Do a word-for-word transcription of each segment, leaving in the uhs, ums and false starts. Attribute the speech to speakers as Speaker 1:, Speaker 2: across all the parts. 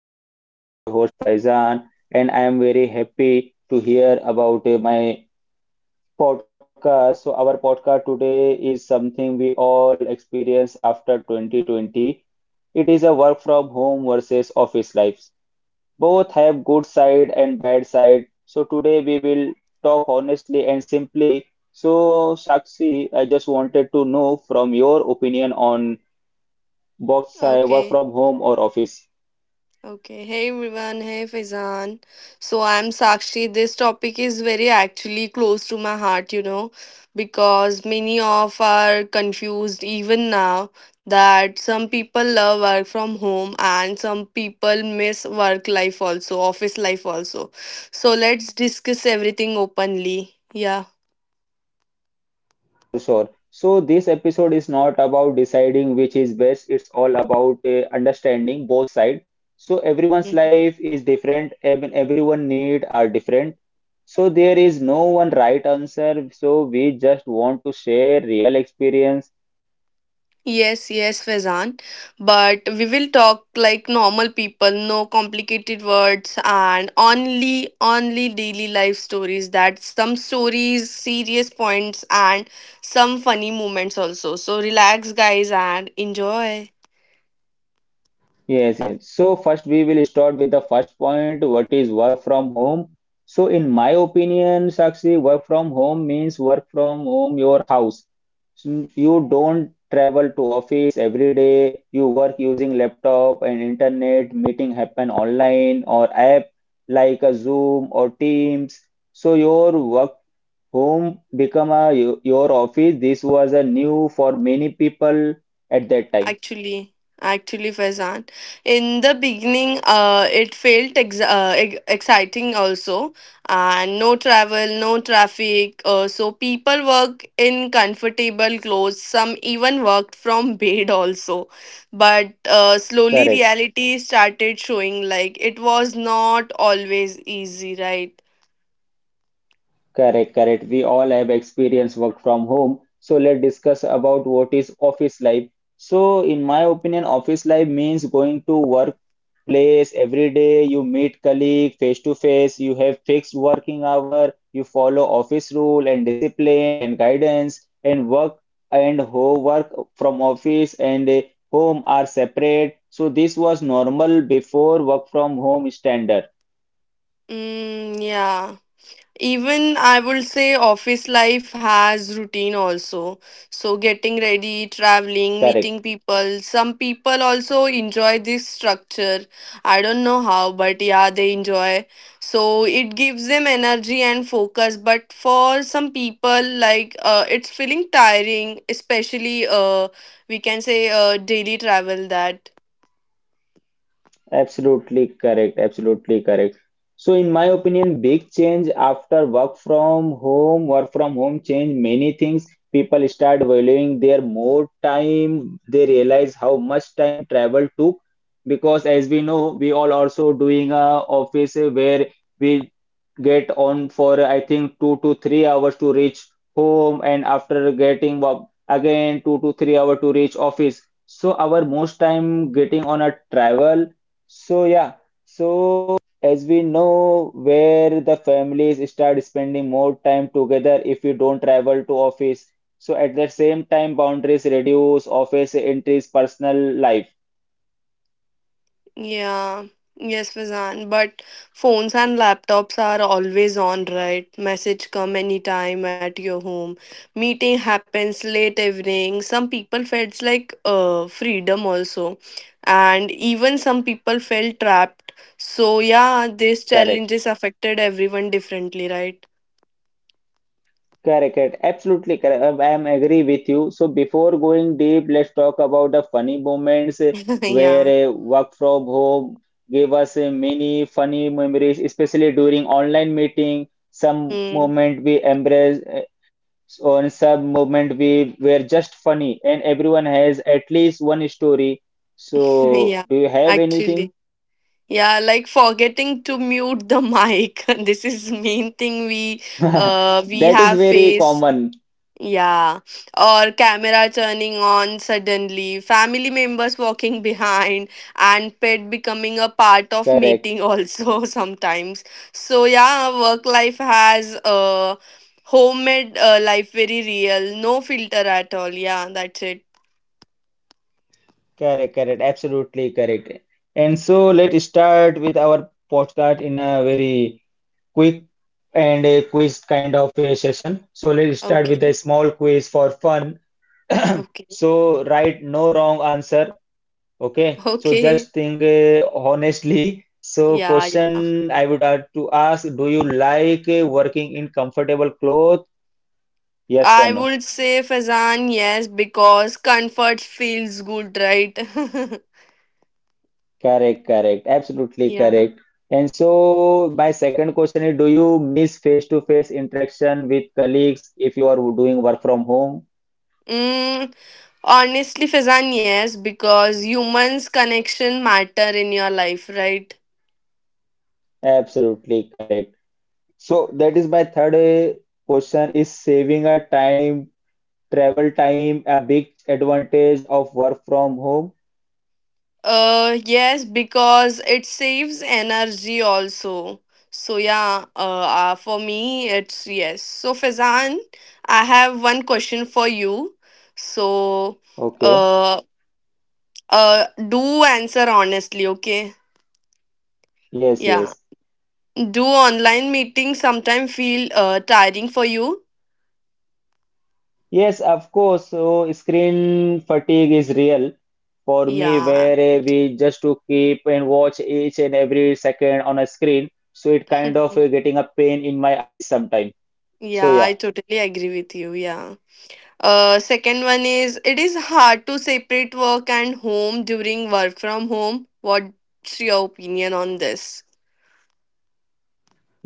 Speaker 1: podcast. I'm your host Faizan and I am very happy to hear about uh, my podcast. So our podcast today is something we all experience after twenty twenty. It is a work from home versus office lives. Both have good side and bad side. So today we will talk honestly and simply. So Sakshi, I just wanted to know from your opinion on both side work
Speaker 2: Okay,
Speaker 1: from home or office.
Speaker 2: okay. Hey everyone, hey Faizan. So I'm Sakshi. This topic is very actually close to my heart, you know, because many of are confused even now that some people love work from home and some people miss work life also, office life also. So let's discuss everything openly. Yeah.
Speaker 1: Sure, sure. So this episode is not about deciding which is best. It's all about uh, understanding both sides. So everyone's life is different. ev- Everyone need are different. So there is no one right answer. So we just want to share real experience.
Speaker 2: Yes, yes, Faizan. But we will talk like normal people, no complicated words, and only, only daily life stories. That some stories, serious points, and some funny moments also. So relax, guys, and enjoy.
Speaker 1: Yes, yes. So first we will start with the first point, what is work from home? So in my opinion, Sakshi, work from home means work from home, your house. So you don't travel to office every day. You work using laptop and internet, meeting happen online or app like a Zoom or Teams. So your work home become a your office. This was a new for many people at that time.
Speaker 2: Actually, actually, Faizan, in the beginning, uh, it felt ex- uh, ex- exciting also, and no travel, no traffic. Uh, so people work in comfortable clothes. Some even worked from bed also. But uh, slowly,
Speaker 1: Correct.
Speaker 2: reality started showing. Like it was not always easy, right?
Speaker 1: Correct, correct. We all have experience work from home. So let's discuss about what is office life. So in my opinion, office life means going to workplace every day. You meet colleague face to face. You have fixed working hour. You follow office rule and discipline and guidance and work and home work from office and eh, home are separate. So this was normal before work from home standard.
Speaker 2: Mm, yeah. Even I would say office life has routine also. So getting ready, traveling,
Speaker 1: Correct.
Speaker 2: meeting people. Some people also enjoy this structure. I don't know how, but yeah, they enjoy. So it gives them energy and focus. But for some people, like uh, it's feeling tiring, especially uh, we can say uh, daily travel that.
Speaker 1: Absolutely correct. Absolutely correct. So, in my opinion, big change after work from home, work from home change many things. People start valuing their more time. They realize how much time travel took because, as we know, we all also doing a office where we get on for I think two to three hours to reach home, and after getting up again two to three hour to reach office. So, our most time getting on a travel, so yeah, so as we know where the families start spending more time together if you don't travel to office. So at the same time, boundaries reduce, office entries, personal life.
Speaker 2: Yeah, yes, Fazan. But phones and laptops are always on, right? Message come anytime at your home. Meeting happens late evening. Some people felt like uh freedom also, and even some people felt trapped. So yeah, these
Speaker 1: Correct.
Speaker 2: challenges affected everyone differently, right?
Speaker 1: Correct. correct. Absolutely correct. Um, I am agree with you. So before going deep, let's talk about the funny moments, uh, where
Speaker 2: yeah.
Speaker 1: uh, work from home gave us uh, many funny memories, especially during online meeting. Some
Speaker 2: Hmm.
Speaker 1: moment we embrace. So on sub movement we were just funny and everyone has at least one story, so
Speaker 2: yeah.
Speaker 1: do you have anything?
Speaker 2: Actually. Yeah, like forgetting to mute the mic. This is main thing we uh we
Speaker 1: That is
Speaker 2: have
Speaker 1: very
Speaker 2: faced.
Speaker 1: common.
Speaker 2: Yeah. Or camera turning on suddenly, family members walking behind, and pet becoming a part of
Speaker 1: correct
Speaker 2: meeting also sometimes. So yeah, work life has uh homemade uh, life very real. No filter at all. Yeah, that's it.
Speaker 1: correct correct absolutely correct. And so let's start with our podcast in a very quick and a quiz kind of a session, so let's start with a
Speaker 2: Okay.
Speaker 1: small quiz for fun.
Speaker 2: Okay.
Speaker 1: So write no wrong answer. Okay, so
Speaker 2: Okay.
Speaker 1: just think uh, honestly. So,
Speaker 2: Yeah, yeah.
Speaker 1: question I would have to ask, do you like uh, working in comfortable clothes? Yes, or
Speaker 2: I
Speaker 1: no.
Speaker 2: would say Fazan, yes, because comfort feels good, right?
Speaker 1: Correct, correct. Absolutely
Speaker 2: yeah.
Speaker 1: correct. And so, my second question is, do you miss face-to-face interaction with colleagues if you are doing work from home?
Speaker 2: Mm, honestly, Fazan, yes, because humans' connection matter in your life, right?
Speaker 1: Absolutely correct. So, that is my third uh, question is saving a time, travel time, a big advantage of work from home?
Speaker 2: Uh, yes, because it saves energy also. So yeah, uh, uh, for me it's yes. So Fazan, I have one question for you. So,
Speaker 1: Okay.
Speaker 2: uh, uh, do answer honestly, okay?
Speaker 1: Yes,
Speaker 2: Yeah.
Speaker 1: yes.
Speaker 2: Do online meetings sometimes feel uh, tiring for you?
Speaker 1: Yes, of course. So screen fatigue is real for me
Speaker 2: Yeah.
Speaker 1: where uh, we just to keep and watch each and every second on a screen. So it kind of
Speaker 2: right.
Speaker 1: uh, getting a pain in my eyes sometime. So
Speaker 2: yeah, I
Speaker 1: yeah.
Speaker 2: totally agree with you. Yeah. Uh, second one is it is hard to separate work and home during work from home. What's your opinion on this?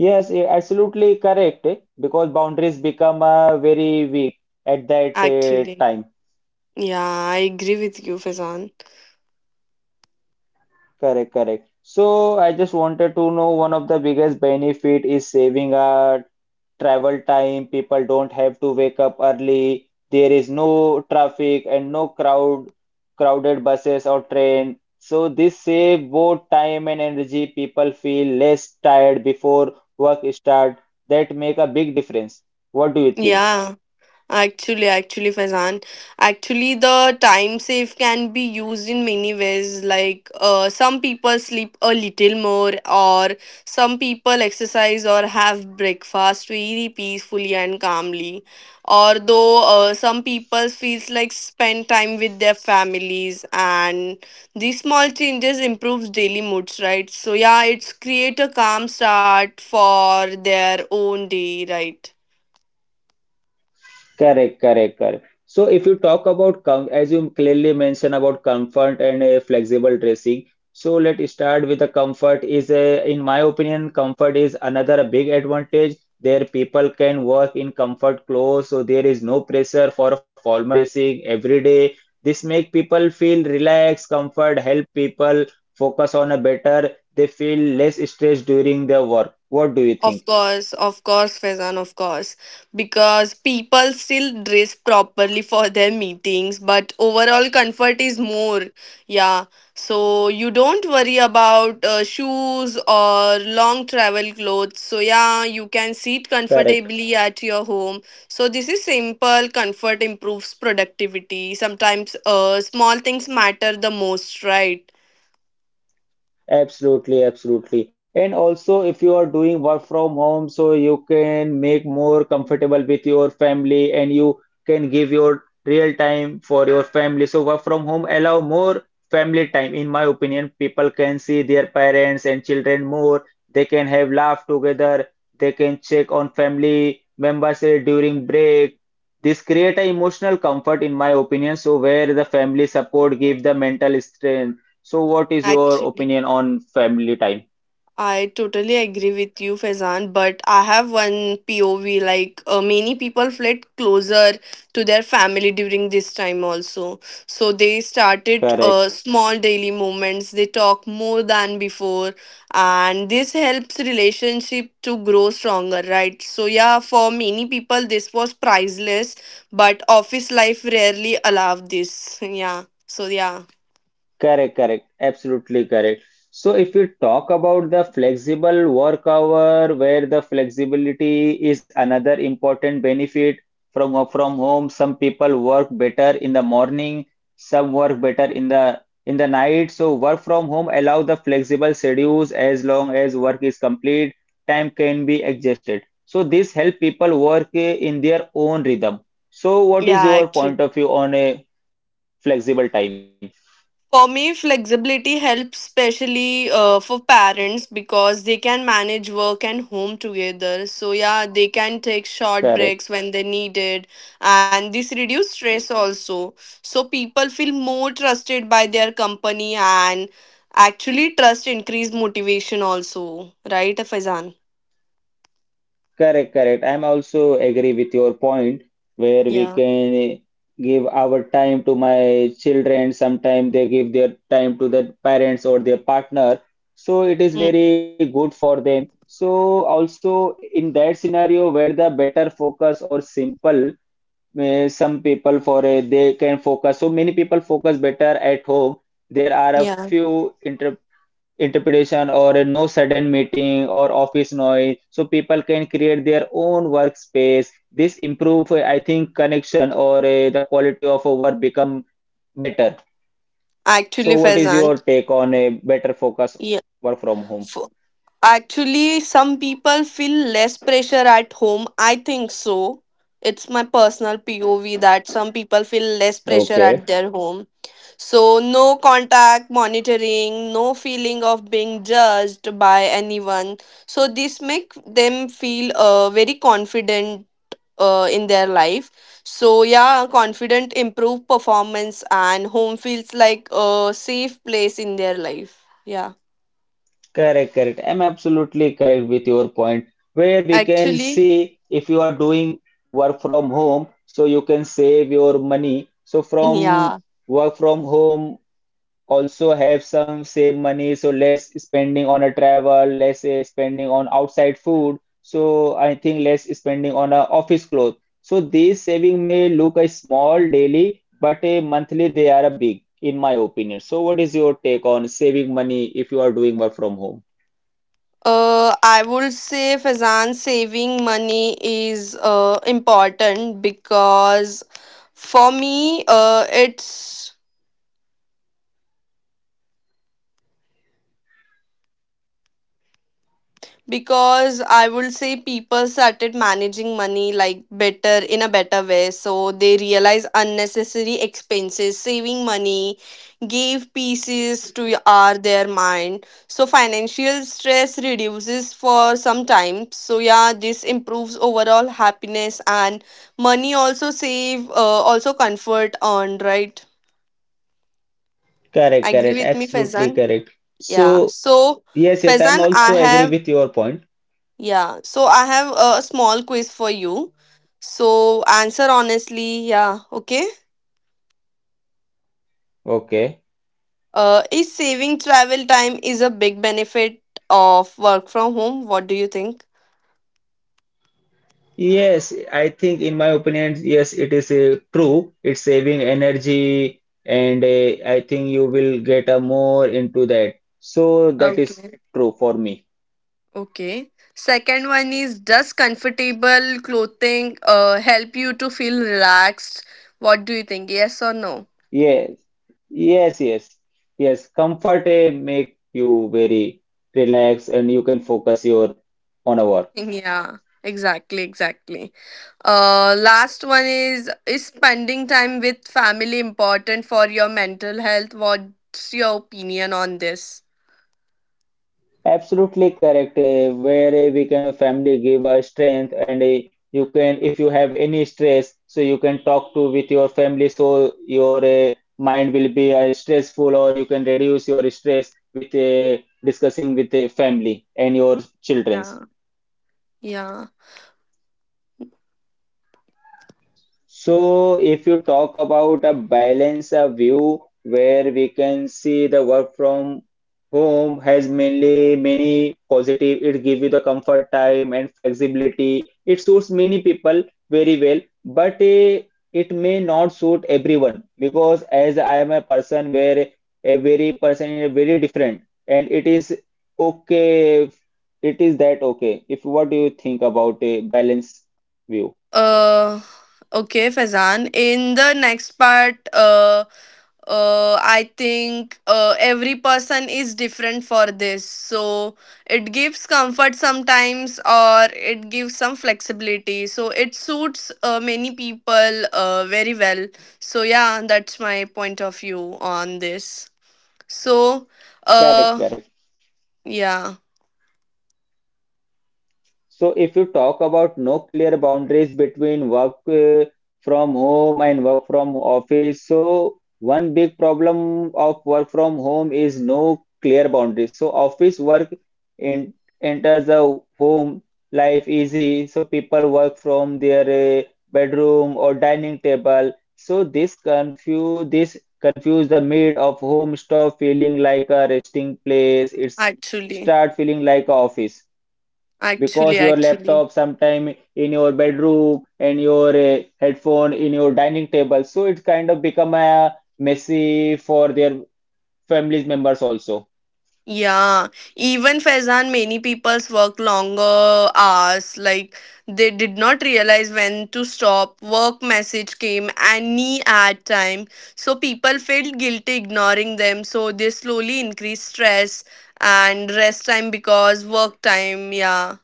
Speaker 1: Yes, eh, absolutely correct eh, because boundaries become uh, very weak at that uh,
Speaker 2: Actually,
Speaker 1: time.
Speaker 2: yeah, I agree with you, Fazan.
Speaker 1: Correct, correct. So I just wanted to know one of the biggest benefit is saving our travel time. People don't have to wake up early. There is no traffic and no crowd, crowded buses or train. So this save both time and energy. People feel less tired before work start. That make a big difference. What do you think?
Speaker 2: Yeah. Actually, actually, Faizan, actually, the time save can be used in many ways. Like, uh, some people sleep a little more, or some people exercise or have breakfast very peacefully and calmly. Or though, uh, some people feels like spend time with their families, and these small changes improves daily moods, right? So yeah, it's create a calm start for their own day, right?
Speaker 1: Correct, correct, correct. So if you talk about com as you clearly mentioned about comfort and a flexible dressing, so let's start with the comfort is a, in my opinion, comfort is another big advantage. There people can work in comfort clothes, so there is no pressure for formal dressing every day. This make people feel relaxed, comfort, help people focus on a better, they feel less stress during their work. What do you
Speaker 2: Of
Speaker 1: think?
Speaker 2: course, of course, Faizan, of course. Because people still dress properly for their meetings, but overall comfort is more. Yeah. So you don't worry about uh, shoes or long travel clothes. So, yeah, you can sit
Speaker 1: Correct.
Speaker 2: comfortably at your home. So, this is simple. Comfort improves productivity. Sometimes uh, small things matter the most, right?
Speaker 1: Absolutely, absolutely. And also, if you are doing work from home, so you can make more comfortable with your family and you can give your real time for your family. So work from home allow more family time. In my opinion, people can see their parents and children more. They can have laugh together. They can check on family members eh, during break. This create a emotional comfort, in my opinion. So where the family support give the mental strength. So what is your
Speaker 2: Actually.
Speaker 1: opinion on family time?
Speaker 2: I totally agree with you, Faizan, but I have one P O V like uh, many people fled closer to their family during this time also. So they started uh,
Speaker 1: Correct.
Speaker 2: small daily moments, they talk more than before, and this helps relationship to grow stronger, right? So, yeah, for many people, this was priceless, but office life rarely allowed this. Yeah, so yeah,
Speaker 1: Correct, correct, absolutely correct. So, if we talk about the flexible work hour, where the flexibility is another important benefit from work from home, some people work better in the morning, some work better in the in the night. So, work from home allow the flexible schedules as long as work is complete, time can be adjusted. So, this help people work eh, in their own rhythm. So, what is
Speaker 2: yeah,
Speaker 1: your point of view on a flexible time?
Speaker 2: For me, flexibility helps especially uh, for parents because they can manage work and home together. So yeah, they can take short
Speaker 1: Correct.
Speaker 2: breaks when they need it, and this reduce stress also. So people feel more trusted by their company and actually trust increase motivation also, right, Faizan?
Speaker 1: Correct, correct. I'm also agree with your point where we
Speaker 2: Yeah.
Speaker 1: can give our time to my children. Sometimes they give their time to their parents or their partner. So it is
Speaker 2: Mm,
Speaker 1: very good for them. So also in that scenario where the better focus or simple, eh, some people for a, they can focus. So many people focus better at home. There are a
Speaker 2: Yeah,
Speaker 1: few inter interpretation or a no sudden meeting or office noise, so people can create their own workspace. This improve uh, I think connection or uh, the quality of a work become better. So
Speaker 2: actually,
Speaker 1: what is
Speaker 2: Faizan.
Speaker 1: your take on a better focus
Speaker 2: Yeah.
Speaker 1: work from home?
Speaker 2: Actually, some people feel less pressure at home. I think so. It's my personal P O V that some people feel less pressure
Speaker 1: Okay.
Speaker 2: at their home. So, no contact monitoring, no feeling of being judged by anyone. So, this make them feel uh, very confident uh, in their life. So, yeah, confident, improve performance, and home feels like a safe place in their life. Yeah.
Speaker 1: Correct, correct, I'm absolutely correct with your point where we can
Speaker 2: Actually,
Speaker 1: see if you are doing work from home, so you can save your money. So from
Speaker 2: yeah.
Speaker 1: work from home also have some save money, so less spending on a travel, less uh, spending on outside food. So I think less spending on a office clothes. So these saving may look a small daily, but a monthly they are a big, in my opinion. So what is your take on saving money if you are doing work from home?
Speaker 2: Uh, I would say Fazan saving money is uh, important because for me, uh, it's because I would say people started managing money like better in a better way so they realize unnecessary expenses saving money gave pieces to y- our their mind so financial stress reduces for some time so yeah this improves overall happiness and money also save uh, also comfort earned right
Speaker 1: Correct,
Speaker 2: agree
Speaker 1: correct,
Speaker 2: with me
Speaker 1: absolutely
Speaker 2: fezan
Speaker 1: correct.
Speaker 2: yeah
Speaker 1: So
Speaker 2: so
Speaker 1: yes, yes, I'm
Speaker 2: fezan I
Speaker 1: also agree
Speaker 2: have
Speaker 1: with your point.
Speaker 2: Yeah, so I have a small quiz for you. So answer honestly, yeah, okay?
Speaker 1: Okay.
Speaker 2: Uh, is saving travel time is a big benefit of work from home? What do you think?
Speaker 1: Yes, I think in my opinion, yes, it is a true. It's saving energy, and uh, I think you will get a more into that. So that is
Speaker 2: Okay,
Speaker 1: true for me.
Speaker 2: okay. Second one is does comfortable clothing uh help you to feel relaxed? What do you think? Yes or no?
Speaker 1: Yes, yes, yes, yes. Comfort uh, make you very relaxed, and you can focus your on a work.
Speaker 2: Yeah, exactly, exactly. Uh, last one is is spending time with family important for your mental health? What's your opinion on this?
Speaker 1: Absolutely correct. uh, Where uh, we can family give a strength, and uh, you can, if you have any stress, so you can talk to with your family, so your uh, mind will be uh, stressful, or you can reduce your stress with uh, discussing with the family and your children.
Speaker 2: Yeah, yeah.
Speaker 1: So, if you talk about a balance, a view where we can see the work from home has mainly many positive. It gives you the comfort time and flexibility. It suits many people very well, but eh, it may not suit everyone because as I am a person where every person is very different, and it is okay. It is that okay. If what do you think about a balance view?
Speaker 2: Uh, okay, Fazan. In the next part, uh, Uh, I think uh, every person is different for this. So it gives comfort sometimes or it gives some flexibility. So it suits uh, many people uh, very well. So, yeah, that's my point of view on this. So,
Speaker 1: Correct,
Speaker 2: uh,
Speaker 1: correct.
Speaker 2: yeah,
Speaker 1: So if you talk about no clear boundaries between work uh, from home and work from office, so one big problem of work from home is no clear boundaries. So office work in, enters the home life easy. So people work from their uh, bedroom or dining table. So this confuse this confuse the mid of home stop feeling like a resting place. It's
Speaker 2: actually,
Speaker 1: start feeling like a office
Speaker 2: actually,
Speaker 1: because your
Speaker 2: actually.
Speaker 1: laptop sometime in your bedroom and your uh, headphone in your dining table, so it's kind of become a messy for their families members also.
Speaker 2: Yeah, even Faizan, many people's work longer hours. Like they did not realize when to stop. Work message came any ad time, so people felt guilty ignoring them. So they slowly increased stress and rest time because work time. Yeah,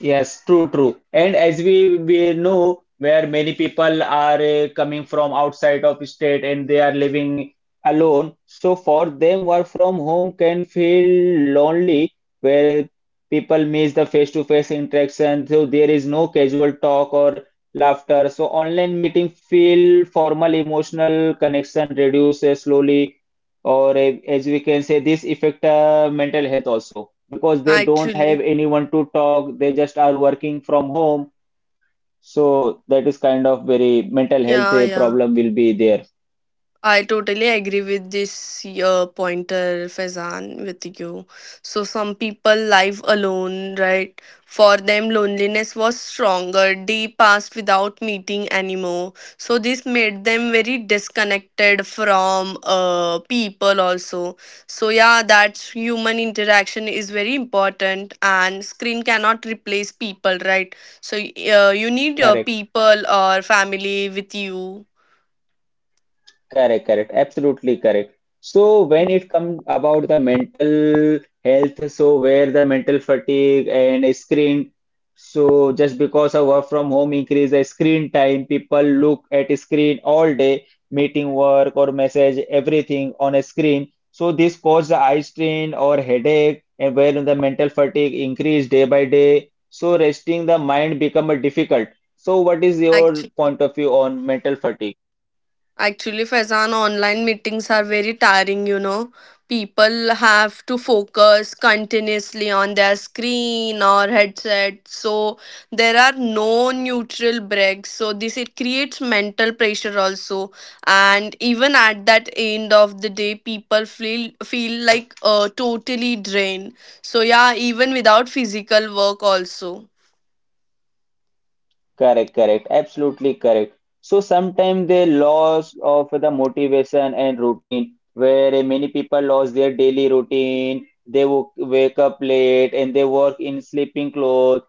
Speaker 1: Yes, true, true. And as we we know, where many people are uh, coming from outside of state and they are living alone, so for them, work from home can feel lonely, where people miss the face-to-face interaction, so there is no casual talk or laughter. So online meeting feel formal, emotional connection reduces slowly, or a- as we can say this affect uh, mental health also because they don't have
Speaker 2: actually,
Speaker 1: anyone to talk, they just are working from home. So that is kind of very mental health
Speaker 2: yeah,
Speaker 1: uh,
Speaker 2: yeah.
Speaker 1: problem will be there.
Speaker 2: I totally agree with this uh, pointer, Faizan, with you. So, some people live alone, right? For them, loneliness was stronger. They passed without meeting anymore. So, this made them very disconnected from uh, people, also. So, yeah, that's human interaction is very important, and screen cannot replace people, right? So, uh, you need your
Speaker 1: Correct.
Speaker 2: people or family with you.
Speaker 1: Correct, correct, absolutely correct. So when
Speaker 2: Yeah.
Speaker 1: it comes about the mental health, so where the mental fatigue and screen, so just because of work from home increase the screen time, people look at screen all day, meeting work or message, everything on a screen. So this cause the eye strain or headache, and where the mental fatigue increase day by day. So resting the mind become a difficult. So what is your
Speaker 2: Actually.
Speaker 1: point of view on mental fatigue?
Speaker 2: Actually, Faizan, online meetings are very tiring, you know. People have to focus continuously on their screen or headset. So there are no neutral breaks. So this it creates mental pressure also. And even at that end of the day, people feel feel like uh, totally drained. So yeah, even without physical work also.
Speaker 1: Correct, correct, absolutely correct. So sometimes they loss of the motivation and routine, where many people lost their daily routine. They wo- wake up late and they work in sleeping clothes.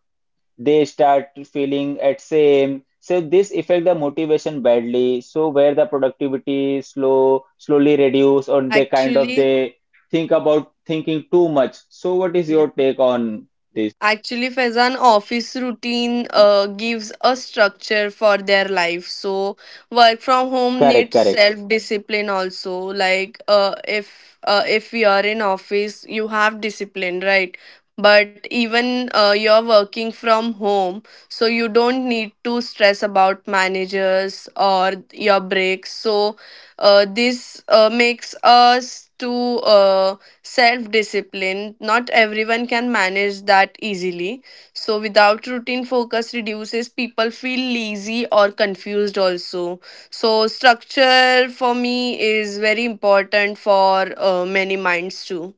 Speaker 1: They start feeling at same. So this affect the motivation badly. So where the productivity is slow, slowly reduce, or they kind of
Speaker 2: Actually,
Speaker 1: they think about thinking too much. So what is your
Speaker 2: yeah.
Speaker 1: take on this?
Speaker 2: Actually, Faizan, office routine uh, gives a structure for their life. So, work from home needs
Speaker 1: Correct, correct.
Speaker 2: self discipline also. Like, uh, if uh, if you are in office, you have discipline, right? But even uh, you're working from home, so you don't need to stress about managers or your breaks. So, uh, this uh, makes us to. Uh, self discipline not everyone can manage that easily so without routine focus reduces people feel lazy or confused also so structure for me is very important for uh, many minds too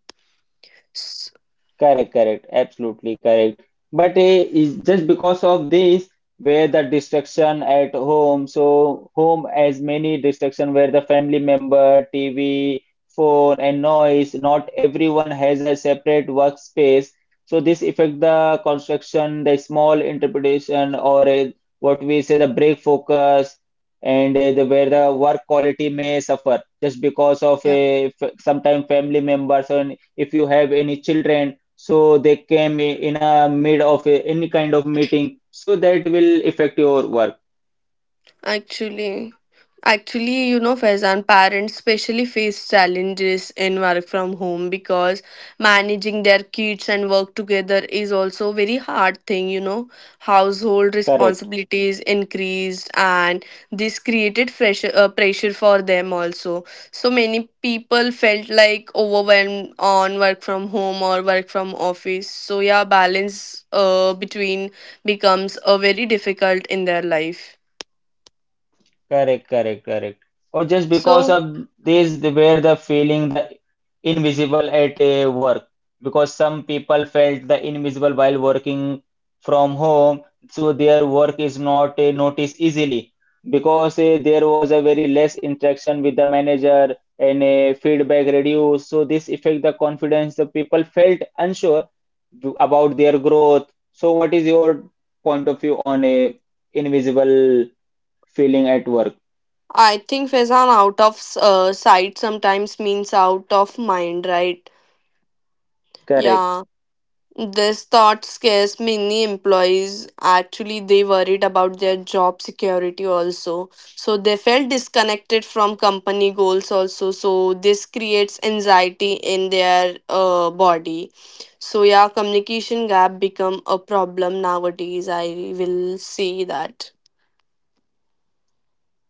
Speaker 2: S-
Speaker 1: Correct, correct, absolutely correct. But eh, is just because of this, where the distraction at home, so home as many distraction where the family member, T V, phone, and noise, not everyone has a separate workspace. So this affect the construction, the small interpretation, or eh, what we say the break focus, and eh, the where the work quality may suffer just because of
Speaker 2: yeah
Speaker 1: a sometimes family members, and if you have any children so they came in a mid of a, any kind of meeting so that will affect your work.
Speaker 2: Actually, actually, you know, Faizan, parents especially face challenges in work from home because managing their kids and work together is also very hard thing, you know. Household
Speaker 1: Correct.
Speaker 2: responsibilities increased and this created pressure, uh, pressure for them also. So many people felt like overwhelmed on work from home or work from office. So yeah, balance uh, between becomes uh, very difficult in their life.
Speaker 1: Correct, correct, correct. Or just because
Speaker 2: So,
Speaker 1: of this, they were the feeling the invisible at uh, work. Because some people felt the invisible while working from home, so their work is not uh, noticed easily. Because uh, there was a very less interaction with the manager, and uh, feedback reduced, so this affect the confidence. The people felt unsure about their growth. So, what is your point of view on a invisible feeling at work?
Speaker 2: I think Faizan out of uh, sight sometimes means out of mind, right?
Speaker 1: Correct.
Speaker 2: Yeah, this thought scares many employees. Actually, they worried about their job security also. So they felt disconnected from company goals also. So this creates anxiety in their uh, body. So yeah, communication gap become a problem nowadays. I will say that.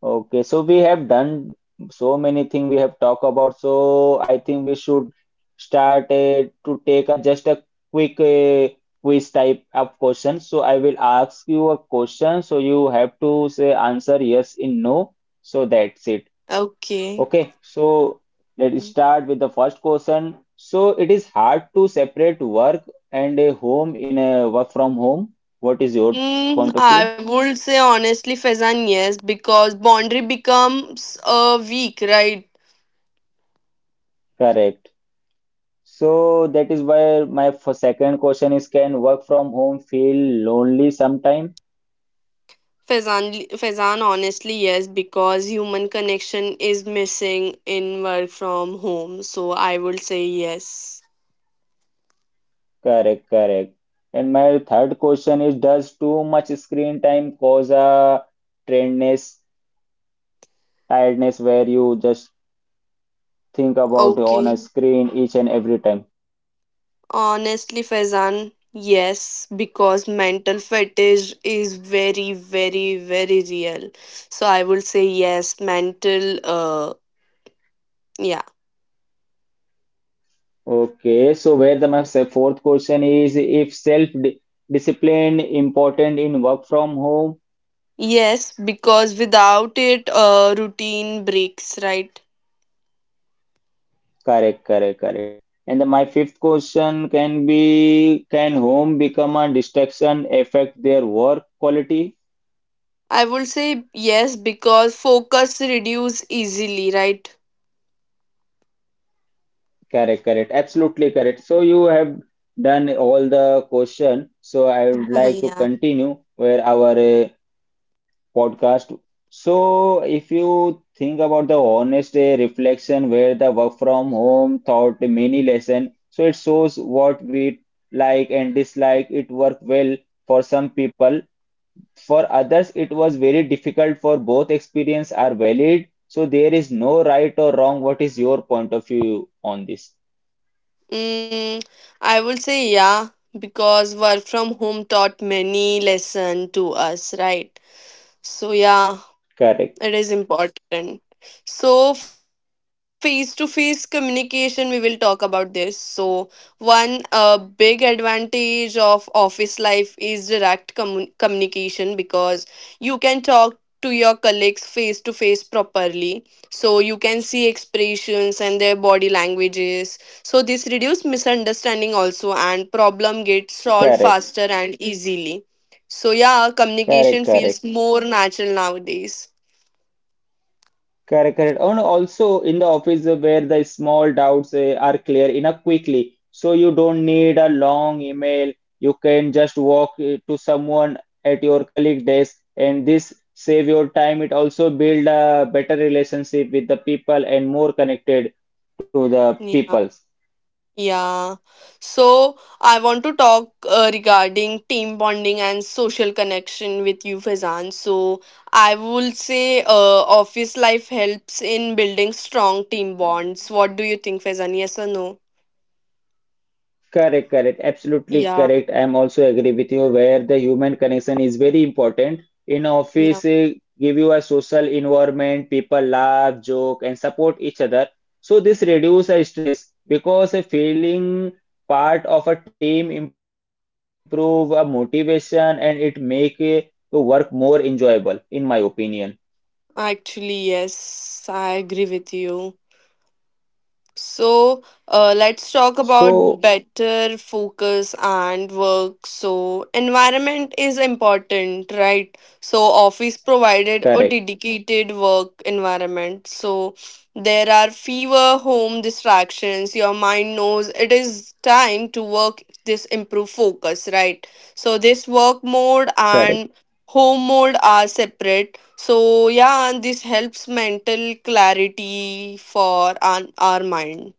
Speaker 1: Okay, so we have done so many things we have talked about. So I think we should start uh, to take a just a quick uh, quiz type of question. So I will ask you a question. So you have to say answer yes in no. So that's it.
Speaker 2: Okay.
Speaker 1: Okay, so let's start with the first question. So it is hard to separate work and a home in a work from home. What is your
Speaker 2: Mm,
Speaker 1: point of
Speaker 2: I
Speaker 1: view?
Speaker 2: would say honestly, Fezan, yes, because boundary becomes uh, weak, right?
Speaker 1: Correct. So that is why my for second question is, can work from home feel lonely sometime?
Speaker 2: Fezan, Fezan, honestly, yes, because human connection is missing in work from home. So I would say yes.
Speaker 1: Correct, correct. And my third question is, does too much screen time cause a tiredness, tiredness where you just think about on a
Speaker 2: Okay.
Speaker 1: screen each and every time?
Speaker 2: Honestly, Fezan, yes, because mental fatigue is very, very, very real. So I would say yes, mental, uh, yeah.
Speaker 1: Okay, so where the my se- fourth question is, if self di- discipline important in work from home?
Speaker 2: Yes, because without it, uh, routine breaks, right?
Speaker 1: Correct, correct, correct. And then my fifth question can be, can home become a distraction affect their work quality?
Speaker 2: I would say yes, because focus reduce easily, right?
Speaker 1: Correct, correct. Absolutely correct. So you have done all the question. So I would like to
Speaker 2: yeah
Speaker 1: continue where our uh, podcast. So if you think about the honest uh, reflection where the work from home taught many lesson, so it shows what we like and dislike. It worked well for some people. For others, it was very difficult, for both experiences are valid. So there is no right or wrong. What is your point of view on this?
Speaker 2: Mm, I would say yeah, because work from home taught many lesson to us, right? So, yeah, it is
Speaker 1: Correct,
Speaker 2: important. So, face to face communication, we will talk about this. So, one uh, big advantage of office life is direct commun- communication because you can talk to your colleagues face to face properly. So, you can see expressions and their body languages. So, this reduces misunderstanding also, and problem gets solved faster
Speaker 1: correct,
Speaker 2: and easily so yeah, communication
Speaker 1: correct,
Speaker 2: feels
Speaker 1: correct,
Speaker 2: more natural nowadays.
Speaker 1: correct, correct. And also in the office uh, where the small doubts eh, are clear enough quickly. So you don't need a long email. You can just walk eh, to someone at your colleague desk, and this save your time. It also build a better relationship with the people and more connected to the people.
Speaker 2: Yeah. Yeah. So I want to talk uh, regarding team bonding and social connection with you, Fazan. So I will say uh, office life helps in building strong team bonds. What do you think, Fazan? Yes or no?
Speaker 1: Correct, correct, absolutely
Speaker 2: Yeah.
Speaker 1: correct. I am also agree with you where the human connection is very important. In
Speaker 2: Yeah.
Speaker 1: office, eh, give you a social environment, people laugh, joke, and support each other. So this reduce a stress because a feeling part of a team improve a motivation and it make eh, the work more enjoyable, in my opinion.
Speaker 2: Actually, yes. I agree with you. So uh, let's talk about
Speaker 1: So
Speaker 2: better focus and work. So environment is important, right? So office provided a
Speaker 1: correct,
Speaker 2: dedicated work environment. So there are fewer home distractions. Your mind knows it is time to work, this improve focus, right? So this work mode and
Speaker 1: correct.
Speaker 2: home mode are separate, so yeah, and this helps mental clarity for our, our mind.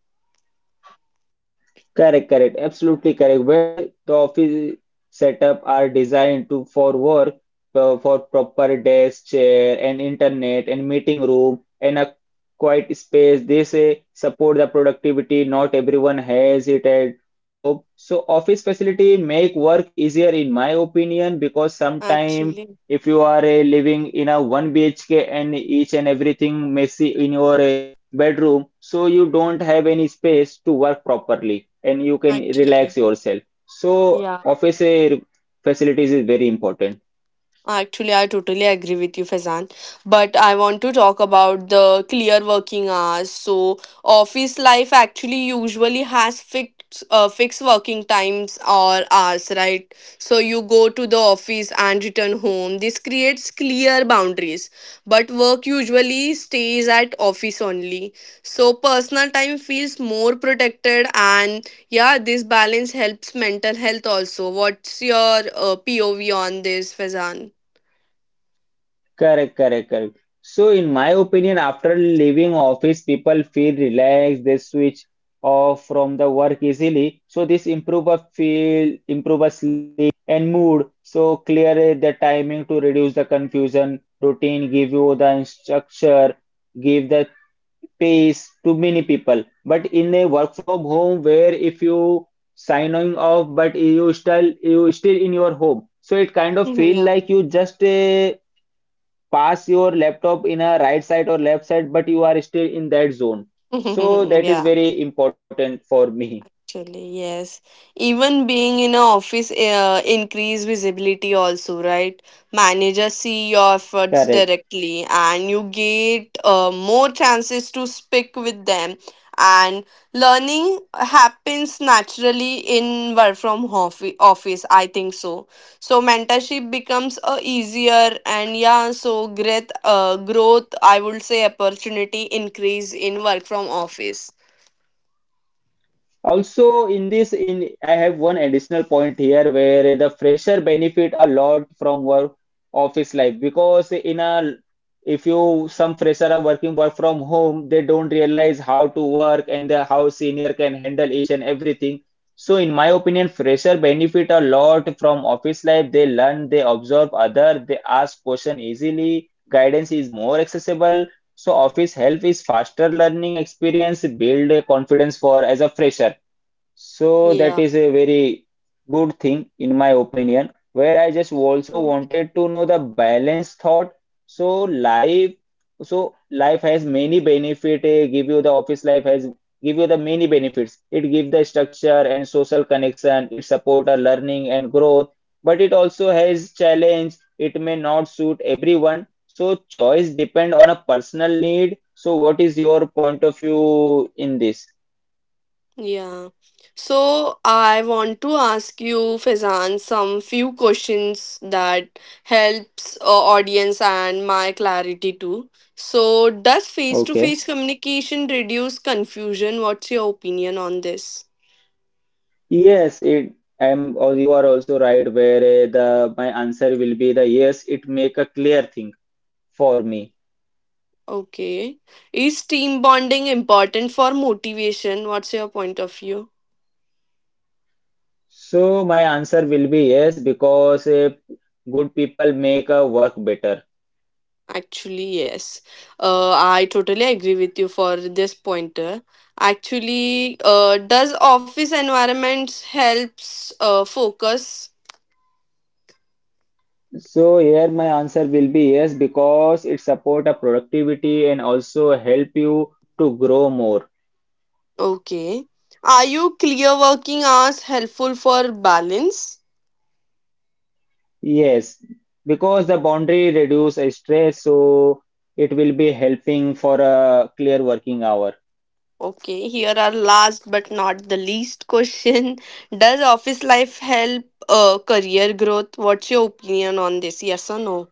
Speaker 1: Correct, correct, absolutely correct. Where the office setup are designed to for work, uh, for proper desk, chair, and internet, and meeting room, and a quiet space, they say support the productivity. Not everyone has it at home. So office facility make work easier in my opinion, because sometimes
Speaker 2: Actually,
Speaker 1: if you are uh, living in a one B H K and each and everything messy in your uh, bedroom, so you don't have any space to work properly and you can
Speaker 2: actually,
Speaker 1: relax yourself, so
Speaker 2: yeah.
Speaker 1: office eh, facilities is very important.
Speaker 2: Actually, I totally agree with you, Faizan. But I want to talk about the clear working hours. So office life actually usually has fixed uh, fixed working times or hours, right? So you go to the office and return home. This creates clear boundaries. But work usually stays at office only. So personal time feels more protected, and yeah, this balance helps mental health also. What's your uh, P O V on this, Faizan?
Speaker 1: Correct, correct, correct. So in my opinion, after leaving office people feel relaxed, they switch off from the work easily, so this improve a feel, improve a sleep and mood. So clear eh, the timing to reduce the confusion, routine give you the structure, give the pays to many people. But in a work from home, where if you signing off but you still you still in your home, so it kind of feel
Speaker 2: Yeah.
Speaker 1: like you just uh, pass your laptop in a right side or left side, but you are still in that zone, so that is
Speaker 2: Yeah,
Speaker 1: very important for me.
Speaker 2: actually, yes. Even being in an office uh, increase visibility also, right? Managers see your efforts
Speaker 1: Correct.
Speaker 2: directly and you get uh, more chances to speak with them. And learning happens naturally in work from offi- office, I think so. So mentorship becomes uh, easier, and yeah, so great uh, growth, I would say opportunity increase in work from office.
Speaker 1: Also, in this, in I have one additional point here where the fresher benefit a lot from work office life, because in a if you some fresher are working work from home, they don't realize how to work and the, how senior can handle each and everything. So, in my opinion, fresher benefit a lot from office life. They learn, they observe other, they ask question easily. Guidance is more accessible. So, office help is faster learning experience, build a confidence for as a fresher. So that
Speaker 2: Yeah.
Speaker 1: is a very good thing in my opinion, where I just also
Speaker 2: So-
Speaker 1: wanted to know the balanced thought. So life, so life has many benefit. Eh, give you the Office life has give you the many benefits. It gives the structure and social connection. It support a learning and growth, but it also has challenge. It may not suit everyone. So choice depend on a personal need. So what is your point of view in this?
Speaker 2: Yeah. So I want to ask you, Fezan, some few questions that helps uh, audience and my clarity too. So does
Speaker 1: Okay.
Speaker 2: face-to-face communication reduce confusion? What's your opinion on this?
Speaker 1: Yes, it I'm or you are also right where uh, the my answer will be the yes, it make a clear thing for me.
Speaker 2: Okay. Is team bonding important for motivation? What's your point of view?
Speaker 1: So my answer will be yes because uh, good people make a work better.
Speaker 2: Actually, yes. Uh, I totally agree with you for this pointer. Actually, uh, does office environments helps uh, focus?
Speaker 1: So here my answer will be yes because it support a productivity and also help you to grow more.
Speaker 2: Okay. Are you clear working hours helpful for balance?
Speaker 1: Yes, because the boundary reduce a stress, so it will be helping for a clear working hour.
Speaker 2: Okay, here are last but not the least question. Does office life help uh, career growth? What's your opinion on this? Yes or no?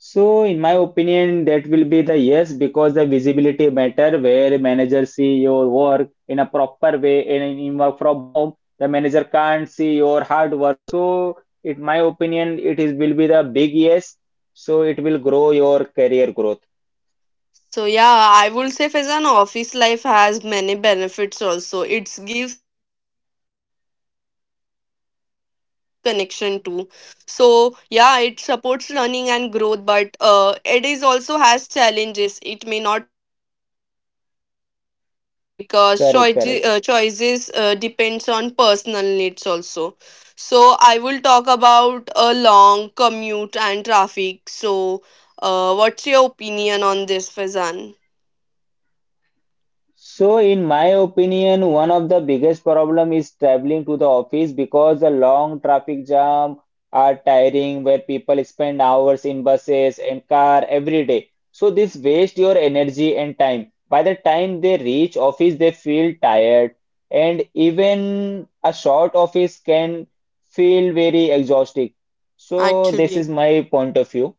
Speaker 1: So, in my opinion, that will be the yes because the visibility matter where manager see your work in a proper way, and in in work from home, the manager can't see your hard work. So, in my opinion, it is will be the big yes. So it will grow your career growth.
Speaker 2: So yeah, I would say Faizan, office life has many benefits also. It gives structure and social connection too. So yeah, it supports learning and growth, but uh, it is also has challenges. It may not suit by everyone, I would say, because
Speaker 1: Correct, correct.
Speaker 2: choices uh, choices uh, depends on personal needs also. So I will talk about a long commute and traffic. So uh, what's your opinion on this, Fazan?
Speaker 1: So, in my opinion, one of the biggest problem is traveling to the office because the long traffic jam are tiring, where people spend hours in buses and car every day. So this waste your energy and time. By the time they reach office, they feel tired, and even a short office can feel very exhausting. So this
Speaker 2: Actually.
Speaker 1: is my point of view.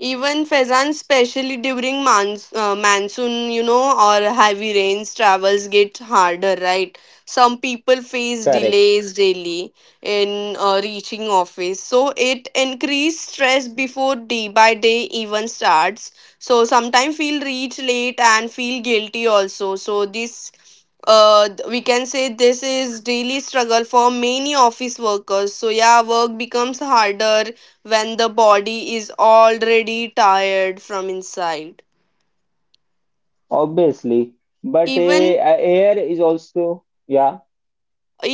Speaker 2: Even Faizan, especially during mons- uh, monsoon, you know, or heavy rains, travels get harder, right? Some people face
Speaker 1: Correct.
Speaker 2: delays daily in uh, reaching office, so it increased stress before day by day even starts. So sometimes feel reach late and feel guilty also. So this, uh, th- we can say this is daily struggle for many office workers. So yeah, work becomes harder when the body is already tired from inside.
Speaker 1: Obviously. But uh,
Speaker 2: even
Speaker 1: air is also, yeah,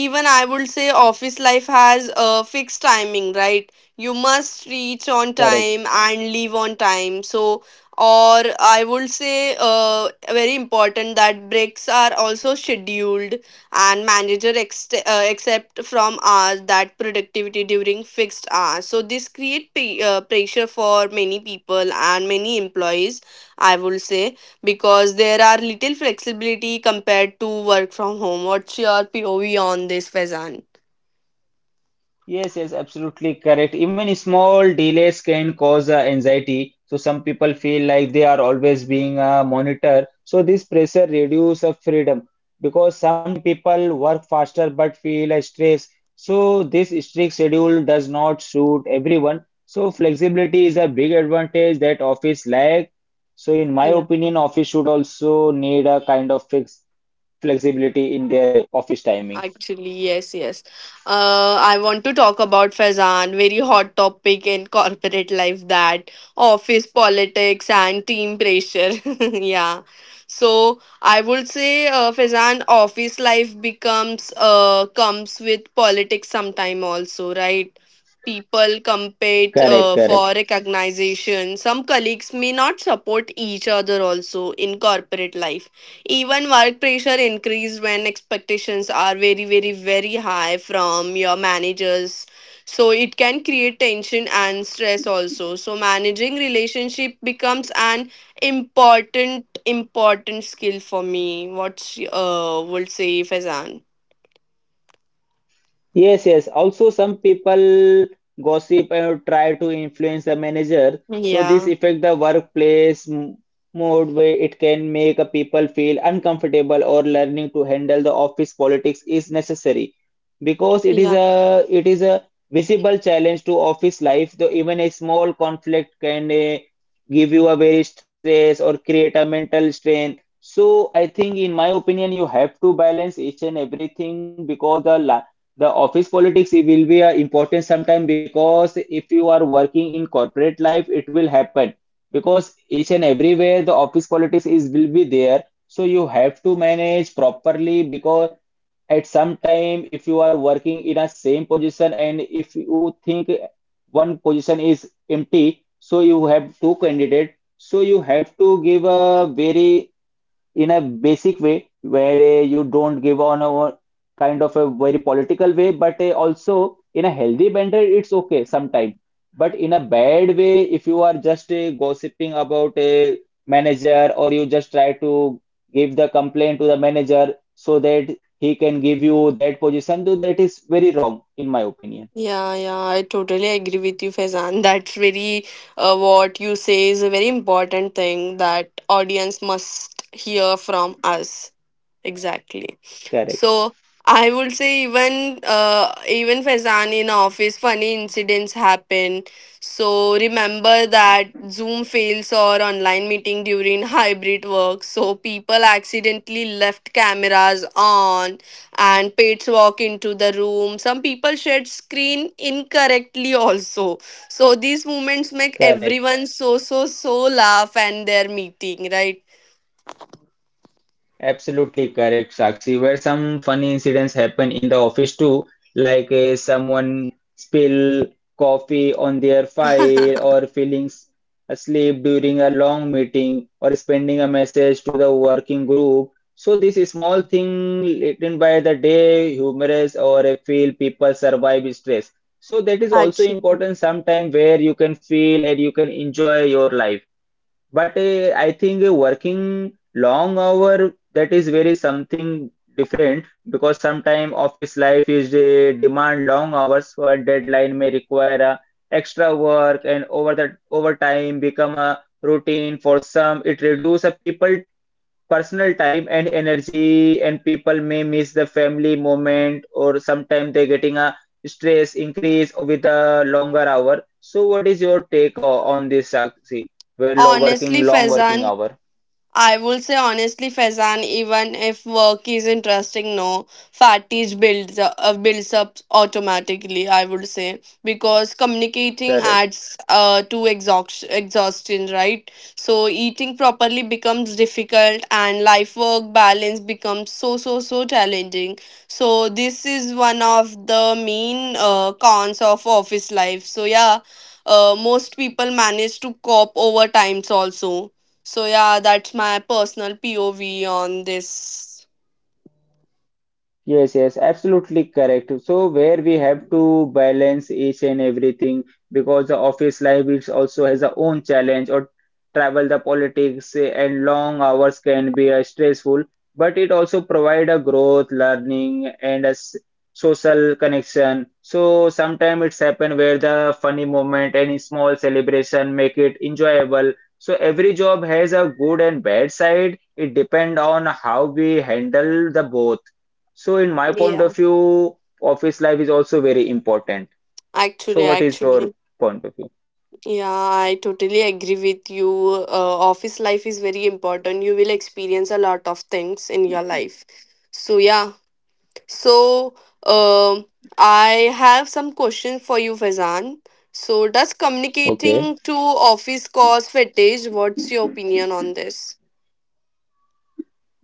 Speaker 2: even I would say office life has a fixed timing, right? You must reach on
Speaker 1: correct.
Speaker 2: time and leave on time, so or I would say uh, very important that breaks are also scheduled, and manager ex- uh, accept from us that productivity during fixed hours, so this create p- uh, pressure for many people and many employees, I would say, because there are little flexibility compared to work from home. What's your P O V on this, Faizan?
Speaker 1: Yes, yes, absolutely correct. Even small delays can cause uh, anxiety. So some people feel like they are always being uh, monitored. So this pressure reduces uh, freedom, because sometimes people work faster but feel a stress. So this strict schedule does not suit everyone. So flexibility is a big advantage that office lack. So in my opinion, office should also need a kind of fixed flexibility in their uh, office timing.
Speaker 2: Actually, yes, yes. Uh, I want to talk about Fazan, very hot topic in corporate life, that office politics and team pressure. Yeah. So I would say uh, Fazan office life becomes uh comes with politics sometime also, right? People compete
Speaker 1: Correct,
Speaker 2: uh,
Speaker 1: correct.
Speaker 2: for recognition. Some colleagues may not support each other also in corporate life, even work pressure increased when expectations are very, very, very high from your managers. So it can create tension and stress also. So managing relationship becomes an important, important skill for me. What uh would say Faizan?
Speaker 1: Yes, yes. Also, some people gossip and try to influence the manager. So this
Speaker 2: Yeah.
Speaker 1: affect the workplace m- mood, where it can make a people feel uncomfortable, or learning to handle the office politics is necessary because it is
Speaker 2: Yeah,
Speaker 1: a it is a visible challenge to office life. Though even a small conflict can uh, give you a very stress or create a mental strain. So I think in my opinion you have to balance each and everything, because the the office politics it will be uh, important sometime, because if you are working in corporate life it will happen, because each and everywhere the office politics is will be there, so you have to manage properly. Because at some time, if you are working in a same position and if you think one position is empty, so you have two candidates. So you have to give a very in a basic way, where uh, you don't give on a a kind of a very political way, but uh, also in a healthy banter, it's okay sometimes. But in a bad way, if you are just uh, gossiping about a manager or you just try to give the complaint to the manager so that he can give you that position, though that is very wrong, in my opinion.
Speaker 2: yeah, yeah. I totally agree with you, Faizan. That's very uh, what you say is a very important thing that audience must hear from us. Exactly.
Speaker 1: Correct,
Speaker 2: So I would say even uh, even Faizan in office, funny incidents happen. So remember that Zoom fails or online meeting during hybrid work. So people accidentally left cameras on and pets walk into the room. Some people shared screen incorrectly also. So these moments make
Speaker 1: correct.
Speaker 2: everyone so so so laugh and their meeting, right?
Speaker 1: Absolutely correct, Sakshi. Where some funny incidents happen in the office too, like uh, someone spill coffee on their file or feeling s- asleep during a long meeting or sending a message to the working group. So this is small thing written by the day, humorous or uh, feel people survive stress. So that is also
Speaker 2: Actually.
Speaker 1: important sometime where you can feel and you can enjoy your life. But uh, I think uh, working long hour, that is very something different, because sometimes office life is uh, demand long hours for deadline, may require uh, extra work, and over the overtime become a routine for some. It reduce a people personal time and energy, and people may miss the family moment, or sometimes they're getting a stress increase with a longer hour. So what is your take o- on this, Sakshi? We're lo- working
Speaker 2: Honestly,
Speaker 1: long working
Speaker 2: Faizan.
Speaker 1: hour.
Speaker 2: I will say honestly, Faizan, even if work is interesting, no, fatigue builds up, uh, builds up automatically, I would say, because communicating
Speaker 1: Correct.
Speaker 2: adds uh, to exhaustion, exhaustion, right? So eating properly becomes difficult and life work balance becomes so, so, so challenging. So this is one of the main uh, cons of office life. So yeah, uh, most people manage to cope over times also, so yeah, that's my personal P O V on this.
Speaker 1: Yes, yes, absolutely correct. So where we have to balance each and everything, because the office life, it also has a own challenge or travel, the politics, eh, and long hours can be uh, stressful, but it also provide a growth, learning and a s- social connection. So sometimes it's happen where the funny moment and small celebration make it enjoyable. So every job has a good and bad side. It depend on how we handle the both. So, in my point of
Speaker 2: Yeah,
Speaker 1: view, office life is also very important. So,
Speaker 2: actually,
Speaker 1: what is your
Speaker 2: actually,
Speaker 1: point of view?
Speaker 2: yeah, I totally agree with you. Uh, office life is very important. You will experience a lot of things in your life. So yeah, so um, I have some question for you, Fazan. So does
Speaker 1: Okay.
Speaker 2: communicating to office cause fatigue? What's your opinion on this?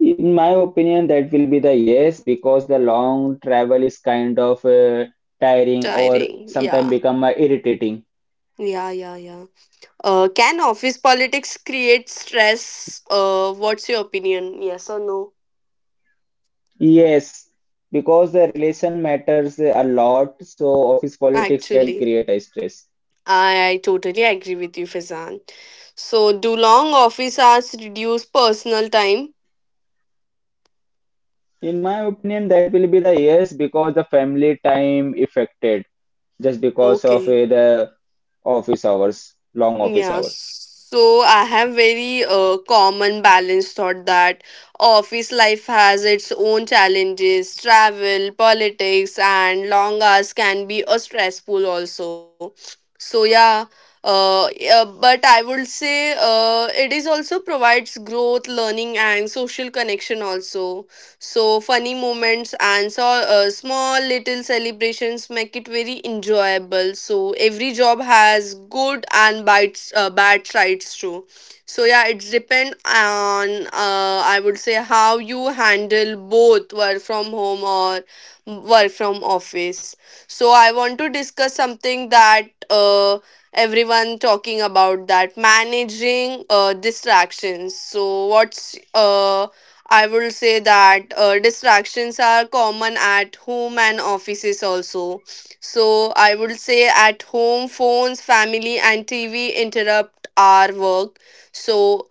Speaker 1: In my opinion, that will be the yes, because the long travel is kind of uh, tiring or
Speaker 2: Tiring.
Speaker 1: sometimes
Speaker 2: Yeah,
Speaker 1: become uh, irritating.
Speaker 2: yeah, yeah, yeah. Uh, can office politics create stress? Uh, what's your opinion? Yes or no?
Speaker 1: Yes, because the relation matters a lot, so office politics can
Speaker 2: Actually,
Speaker 1: create a stress.
Speaker 2: I, I totally agree with you, Fazan. So, do long office hours reduce personal time?
Speaker 1: In my opinion, that will be the yes, because the family time affected just because of
Speaker 2: Okay.
Speaker 1: uh, the office hours, long office
Speaker 2: Yeah,
Speaker 1: hours.
Speaker 2: so I have very uh, common balanced thought that office life has its own challenges. Travel, politics, and long hours can be a stressful also. So yeah, uh, yeah, but I would say uh, it is also provides growth, learning, and social connection also. So funny moments and so, uh, small little celebrations make it very enjoyable. So every job has good and bad, uh, bad sides too. So yeah, it's depend on uh, I would say how you handle both work from home or work from office. So I want to discuss something that uh, everyone talking about that managing uh, distractions. So what's uh I would say that uh, distractions are common at home and offices also. So I would say at home, phones, family, and T V interrupt our work. So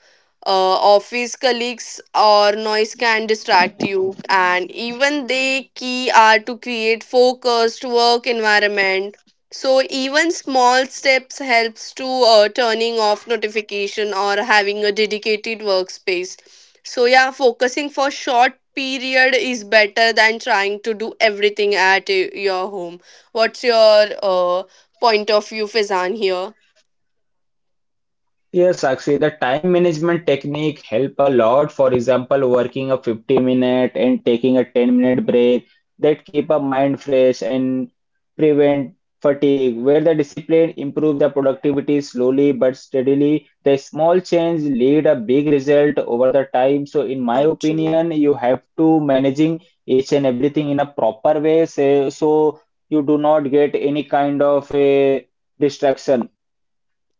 Speaker 2: uh, office colleagues or noise can distract you, and even they key are to create focused work environment. So even small steps helps to uh, turning off notification or having a dedicated workspace, so yeah, focusing for short period is better than trying to do everything at uh, your home. What's your uh, point of view, Fizan, here?
Speaker 1: Yes, Sakshi, the time management technique help a lot. For example, working a fifty minute and taking a ten minute break, that keep a mind fresh and prevent fatigue. Where the discipline improve the productivity slowly but steadily, the small change lead a big result over the time. So in my
Speaker 2: Actually.
Speaker 1: opinion, you have to managing each and everything in a proper way, say, so you do not get any kind of a distraction.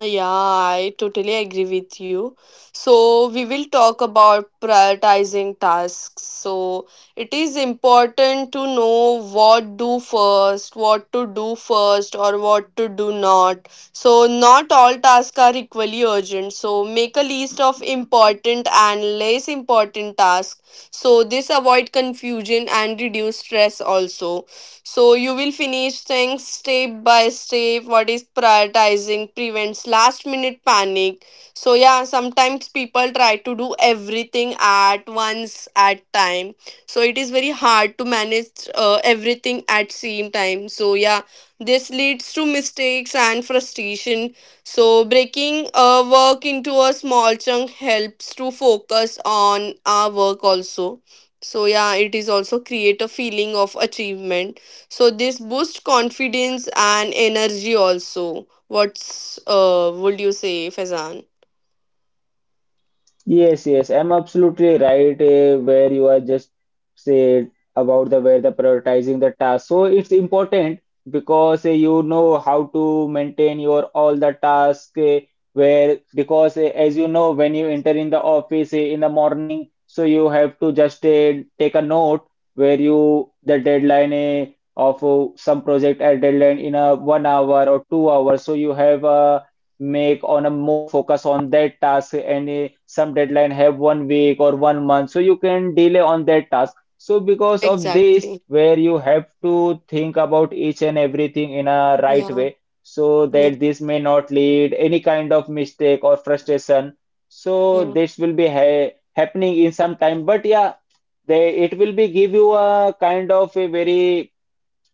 Speaker 2: Yeah, I totally agree with you. So we will talk about prioritizing tasks. So it is important to know what do first, what to do first, or what to do not. So not all tasks are equally urgent. So make a list of important and less important tasks. So this avoid confusion and reduce stress also. So you will finish things step by step. What is prioritizing prevents last minute panic. So yeah, sometimes people try to do everything at once at time. So it is very hard to manage uh, everything at same time. So yeah, this leads to mistakes and frustration. So breaking uh, work into a small chunk helps to focus on our work also. So yeah, it is also create a feeling of achievement, so this boosts confidence and energy also. What's uh would you say, Fezan?
Speaker 1: Yes, yes, I'm absolutely right. Eh, where you are just said about the where the prioritizing the task. So it's important because, eh, you know how to maintain your all the task, eh, where because, eh, as you know when you enter in the office, eh, in the morning, so you have to just, eh, take a note where you the deadline, eh, of oh, some project at deadline in a one hour or two hours. So you have a make on a more focus on that task, and eh, some deadline have one week or one month, so you can delay on that task, so because of this
Speaker 2: Exactly.
Speaker 1: where you have to think about each and everything in a right
Speaker 2: Yeah.
Speaker 1: way, so that
Speaker 2: Yeah.
Speaker 1: this may not lead any kind of mistake or frustration, so
Speaker 2: Yeah.
Speaker 1: this will be ha happening in some time, but yeah, they it will be give you a kind of a very,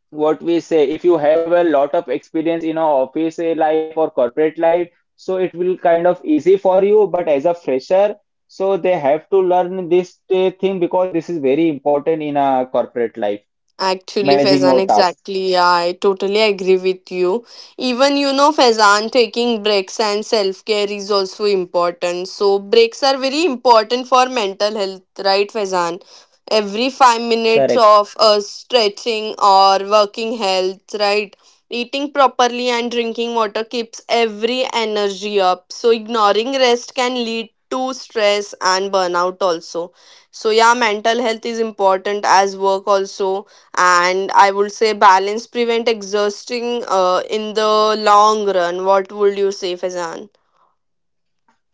Speaker 1: what we say, if you have a lot of experience in a office, eh, life or corporate life, so it will kind of easy for you, but as a fresher, so they have to learn this, eh, thing, because this is very important in a corporate life,
Speaker 2: Actually,
Speaker 1: managing
Speaker 2: Faizan,
Speaker 1: your task.
Speaker 2: exactly. I totally agree with you. Even, you know, Faizan, taking breaks and self care is also important. So breaks are very important for mental health, right, Faizan? Every five minutes
Speaker 1: Correct.
Speaker 2: of uh, stretching or working health, right? Eating properly and drinking water keeps every energy up. So ignoring rest can lead to stress and burnout also. So yeah, mental health is important as work also, and I would say balance prevent exhausting uh, in the long run. What would you say, Fazan?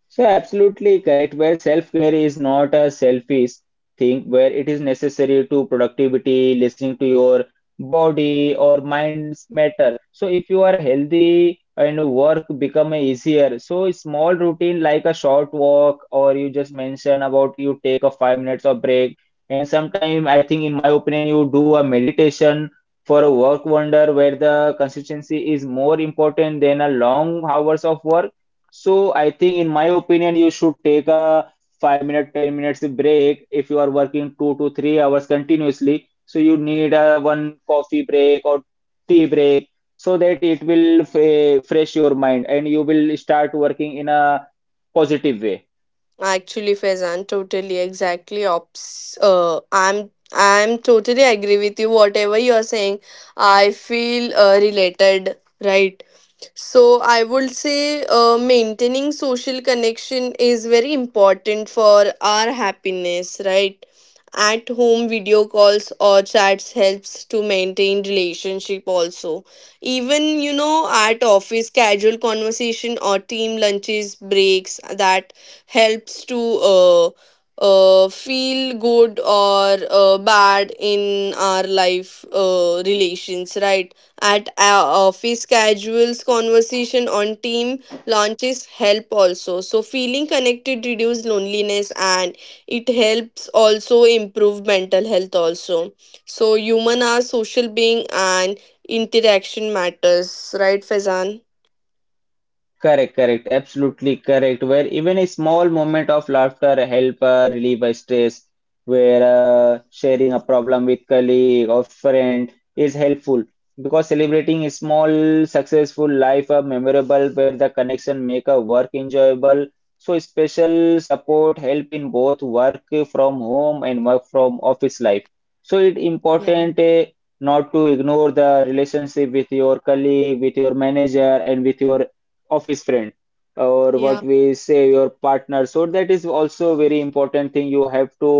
Speaker 1: So absolutely correct, where self-care is not a selfish thing, where it is necessary to productivity, listening to your body or minds matter. So if you are healthy and work become easier, so a small routine like a short walk, or you just mention about you take a five minutes of break, and sometime I think in my opinion you do a meditation for a work wonder, where the consistency is more important than a long hours of work. So I think, in my opinion, you should take a five minute, ten minutes break if you are working two to three hours continuously. So you need a one coffee break or tea break, so that it will fre- fresh your mind and you will start working in a positive way.
Speaker 2: Actually Fazan, totally exactly ops, uh, i'm i'm totally agree with you whatever you are saying. I feel uh, related, right? So I would say uh, maintaining social connection is very important for our happiness, right? At home video calls or chats helps to maintain relationship also. Even you know at office casual conversation or team lunches breaks that helps to uh, uh, feel good or uh, bad in our life uh, relations, right? At our office casuals conversation on team launches help also, so feeling connected reduce loneliness, and it helps also improve mental health also. So human are social being and interaction matters, right Fezan?
Speaker 1: Correct, correct, absolutely correct. Where even a small moment of laughter help uh, relieve a stress, where uh, sharing a problem with colleague or friend is helpful because celebrating a small successful life are memorable, where the connection make a work enjoyable. So special support help in both work from home and work from office life. So it
Speaker 2: Yeah.
Speaker 1: important, uh, not to ignore the relationship with your colleague, with your manager, and with your office friend, or
Speaker 2: Yeah.
Speaker 1: what we say your partner, so that is also very important thing. You have to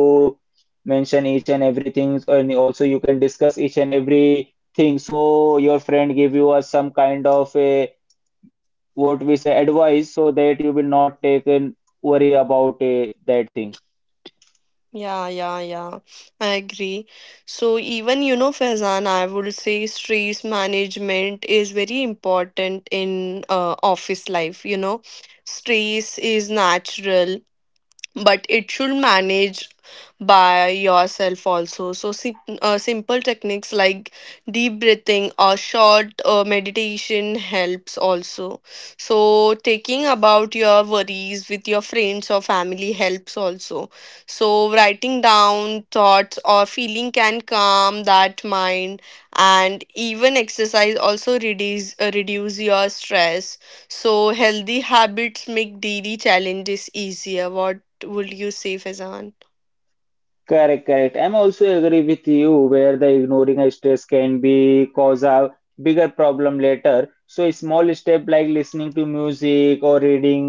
Speaker 1: mention each and everything, and also you can discuss each and every thing, so your friend give you a, some kind of a, what we say, advice, so that you will not take and worry about a, that thing.
Speaker 2: Yeah, yeah, yeah. I agree. So even you know, Faizan, I would say stress management is very important in uh, office life, you know. Stress is natural but it should manage by yourself also, so sim- uh, simple techniques like deep breathing or short uh, meditation helps also, so taking about your worries with your friends or family helps also, so writing down thoughts or feeling can calm that mind, and even exercise also reduce uh, reduce your stress, so healthy habits make daily challenges easier. What would you say, Fazan?
Speaker 1: Correct, correct, I'm also agree with you, where the ignoring a stress can be cause a bigger problem later. So a small step like listening to music or reading,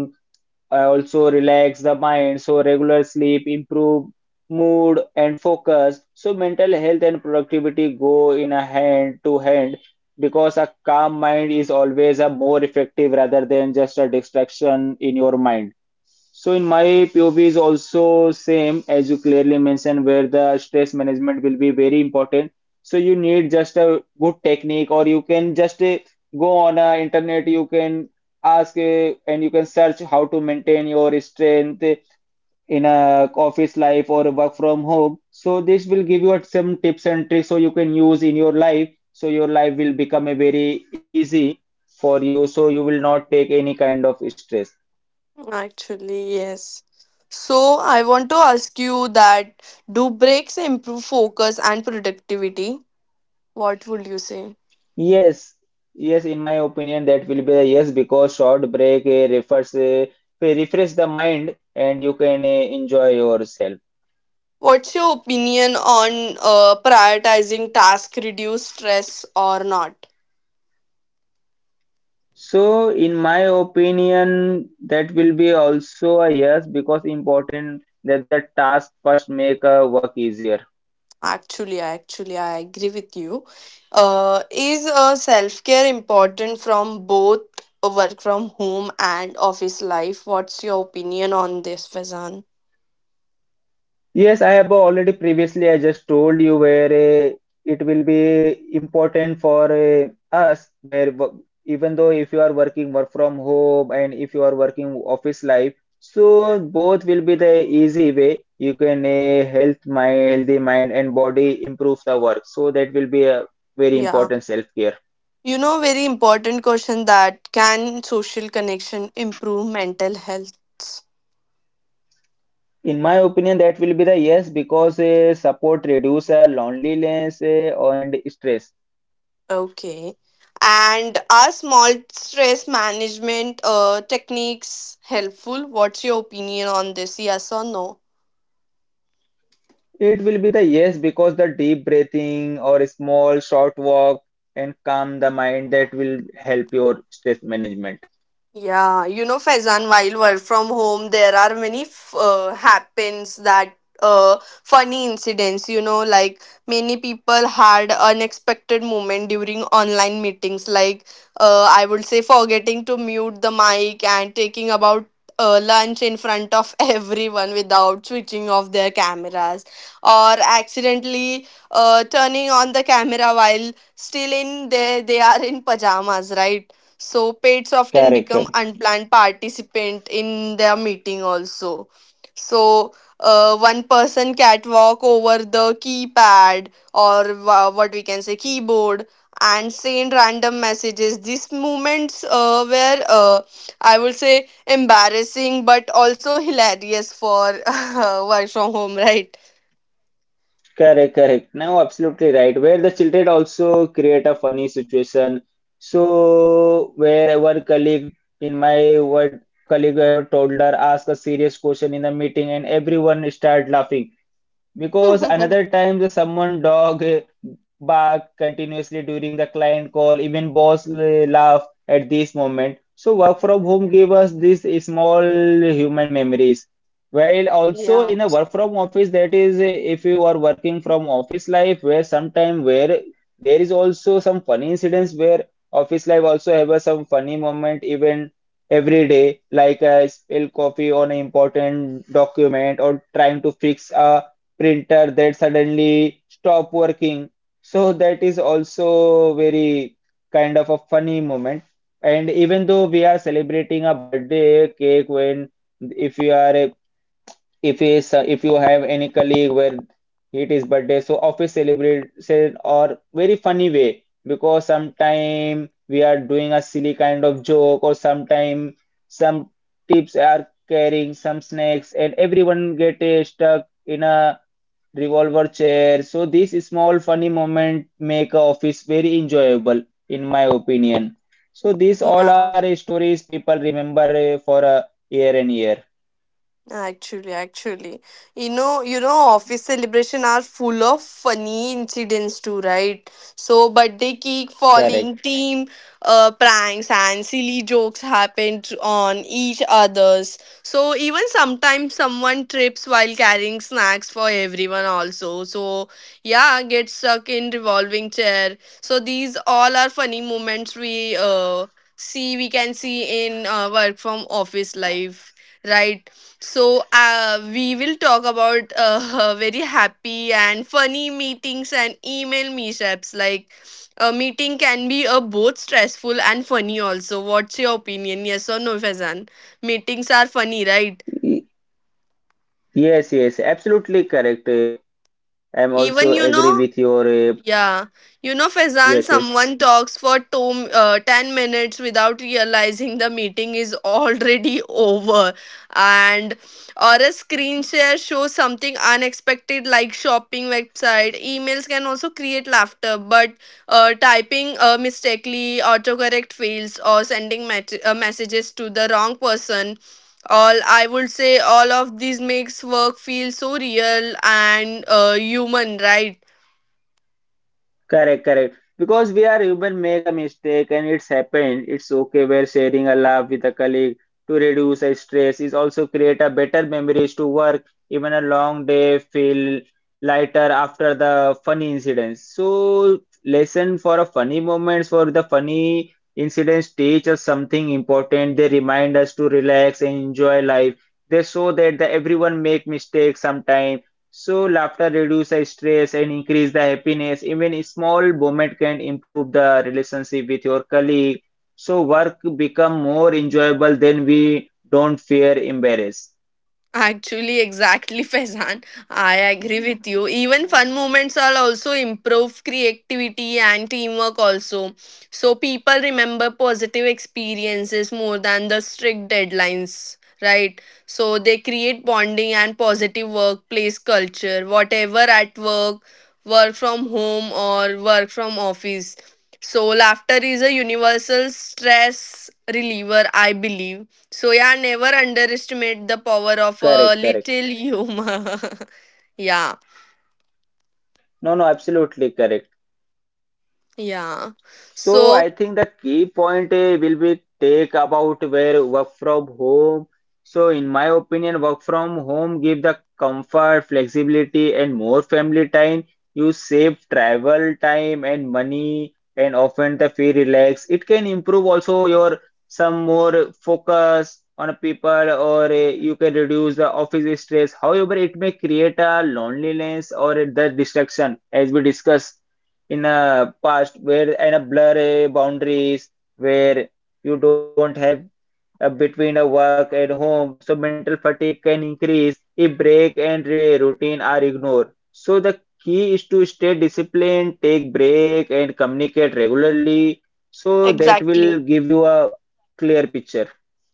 Speaker 1: I also relax the mind, so regular sleep improve mood and focus. So mental health and productivity go in a hand to hand, because a calm mind is always a more effective rather than just a distraction in your mind. So in my P O V is also same as you clearly mentioned, where the stress management will be very important. So you need just a good technique, or you can just uh, go on, uh, internet, you can ask, uh, and you can search how to maintain your strength in a office life or work from home. So this will give you some tips and tricks so you can use in your life. So your life will become a very easy for you, so you will not take any kind of stress.
Speaker 2: Actually, yes. So I want to ask you that do breaks improve focus and productivity? What would you say?
Speaker 1: Yes, yes, in my opinion, that will be a yes, because short break, uh, refers, uh, refresh the mind, and you can uh, enjoy yourself.
Speaker 2: What's your opinion on uh, prioritizing tasks reduce stress or not?
Speaker 1: So, in my opinion, that will be also a yes, because important that the task first make a work easier.
Speaker 2: Actually, actually, I agree with you. Uh, is uh, self care important from both work from home and office life? What's your opinion on this, Fazan?
Speaker 1: Yes, I have already previously, I just told you where, uh, it will be important for uh, us, where wo- even though if you are working work from home, and if you are working office life, so both will be the easy way. You can, uh, health my healthy mind and body improves our work. So that will be a very
Speaker 2: Yeah,
Speaker 1: important self-care.
Speaker 2: you know, very important question that can social connection improve mental health?
Speaker 1: In my opinion, that will be the yes, because uh, support reduce uh, loneliness uh, and stress.
Speaker 2: Okay. And are small stress management uh, techniques helpful? What's your opinion on this? Yes or no?
Speaker 1: It will be the yes, because the deep breathing or a small short walk and calm the mind, that will help your stress management.
Speaker 2: Yeah, you know, Faizan, while work from home, there are many f- uh, happens that uh, funny incidents, you know, like many people had unexpected moment during online meetings, like uh, I would say forgetting to mute the mic and taking about uh, lunch in front of everyone without switching off their cameras, or accidentally uh, turning on the camera while still in they they are in pajamas, right? So pets often
Speaker 1: Correct,
Speaker 2: become
Speaker 1: correct,
Speaker 2: unplanned participant in their meeting also. So uh, one person cat walk over the keypad or wha- what we can say keyboard and send random messages. These moments uh, were uh, I would say embarrassing but also hilarious for work from home, right?
Speaker 1: correct, correct. Now, absolutely right. Where the children also create a funny situation. So, where our colleague, in my word colleague, I have told her ask a serious question in the meeting and everyone start laughing. Because another time the someone dog, eh, bark continuously during the client call, even boss, eh, laugh at this moment. So work from home gave us these small human memories. While also
Speaker 2: Yeah,
Speaker 1: in a work from office, that is, eh, if you are working from office life, where sometime where there is also some funny incidents, where office life also have a some funny moment even every day, like a spill coffee on an important document or trying to fix a printer that suddenly stop working. So that is also very kind of a funny moment. And even though we are celebrating a birthday cake when if you are, if is if you have any colleague where it is birthday, so office celebration or very funny way, because sometime we are doing a silly kind of joke, or sometime some tips are carrying some snacks, and everyone get uh, stuck in a revolver chair. So these small funny moments make a office very enjoyable, in my opinion. So these all are
Speaker 2: yeah.
Speaker 1: uh, stories people remember uh, for a year and year.
Speaker 2: Actually, actually, you know, you know, office celebration are full of funny incidents too, right? So birthday cake
Speaker 1: Correct.
Speaker 2: falling, team uh, pranks, and silly jokes happened on each others. So even sometimes someone trips while carrying snacks for everyone also. So yeah, get stuck in revolving chair. So these all are funny moments we uh see we can see in uh, work from office life, right? So, uh, we will talk about uh, very happy and funny meetings and email mishaps. Like, a meeting can be uh, both stressful and funny, also. What's your opinion? Yes or no, Faizan? Meetings are funny, right?
Speaker 1: Y- Yes, yes, absolutely correct. Uh, I'm
Speaker 2: Even
Speaker 1: also
Speaker 2: you
Speaker 1: agree
Speaker 2: know,
Speaker 1: with your uh,
Speaker 2: yeah, you know, Faizan,
Speaker 1: yes, yes.
Speaker 2: someone talks for two, uh, ten minutes without realizing the meeting is already over. And or a screen share shows something unexpected like shopping website. Emails can also create laughter, but uh, typing uh, mistakenly, autocorrect fails, or sending met- uh, messages to the wrong person. All I would say, all of these makes work feel so real and uh, human, right?
Speaker 1: Correct, correct. Because we are human, make a mistake and it's happened. It's okay. We're sharing a laugh with a colleague to reduce our stress. Is also create a better memories to work. Even a long day feel lighter after the funny incidents. So lesson for a funny moments, for the funny incidents, teach us something important. They remind us to relax and enjoy life. They show that the everyone make mistakes sometime, so laughter reduces stress and increase the happiness. Even a small moment can improve the relationship with your colleague. So work become more enjoyable then we don't fear embarrass.
Speaker 2: Actually, exactly, Faizan. I agree with you. Even fun moments are also improve creativity and teamwork also. So people remember positive experiences more than the strict deadlines, right? So they create bonding and positive workplace culture, whatever at work, work from home or work from office. So laughter is a universal stress reliever, I believe, so yeah, never
Speaker 1: Correct,
Speaker 2: underestimate the
Speaker 1: correct.
Speaker 2: power of a little humor. Yeah,
Speaker 1: No, no, absolutely correct.
Speaker 2: yeah.
Speaker 1: So I think
Speaker 2: So
Speaker 1: the key point eh, will be take about where work from home. So in my opinion, work from home give the comfort, flexibility, and more family time. You save travel time and money, and often the feel relax. It can improve also your some more focus on people, or eh, you can reduce the office stress. However, it may create a loneliness or the distraction, as we discussed in a past where in a blurry boundaries where you don't have a between a work and home, so mental fatigue can increase if break and re- routine are ignored, so the key is to stay disciplined, take break and communicate regularly, so that
Speaker 2: exactly.
Speaker 1: will give you a clear picture.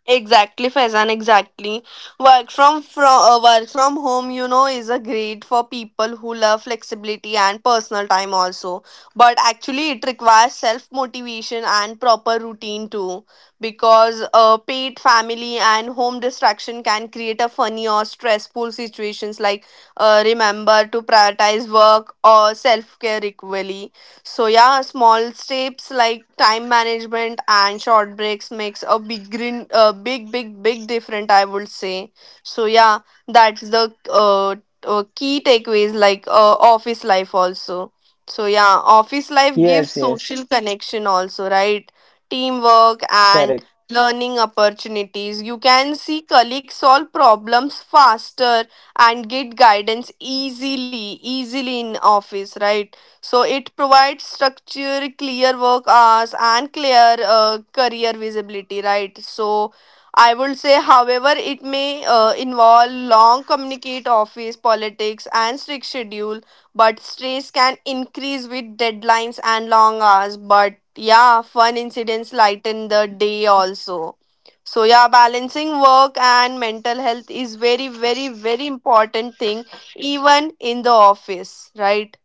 Speaker 2: Exactly, Faizan, exactly. Work from from uh, work from home, you know, is a great for people who love flexibility and personal time also. But actually, it requires self motivation and proper routine too, because uh, paid family and home distraction can create a funny or stressful situations. Like, uh, remember to prioritize work or self care equally. So yeah, small steps like time management and short breaks makes a big green, uh, big big big different, I would say. So yeah, that's the uh, uh key takeaways like uh, office life also. So yeah, office life gives
Speaker 1: Yes, yes,
Speaker 2: social connection also, right? Teamwork and
Speaker 1: correct.
Speaker 2: learning opportunities. You can see colleagues solve problems faster and get guidance easily, easily in office, right? So it provides structure, clear work hours, and clear uh, career visibility, right? So I would say, however, it may uh, involve long communicate office politics and strict schedule, but stress can increase with deadlines and long hours. But yeah, fun incidents lighten the day also. So yeah, balancing work and mental health is very, very, very important thing, even in the office, right?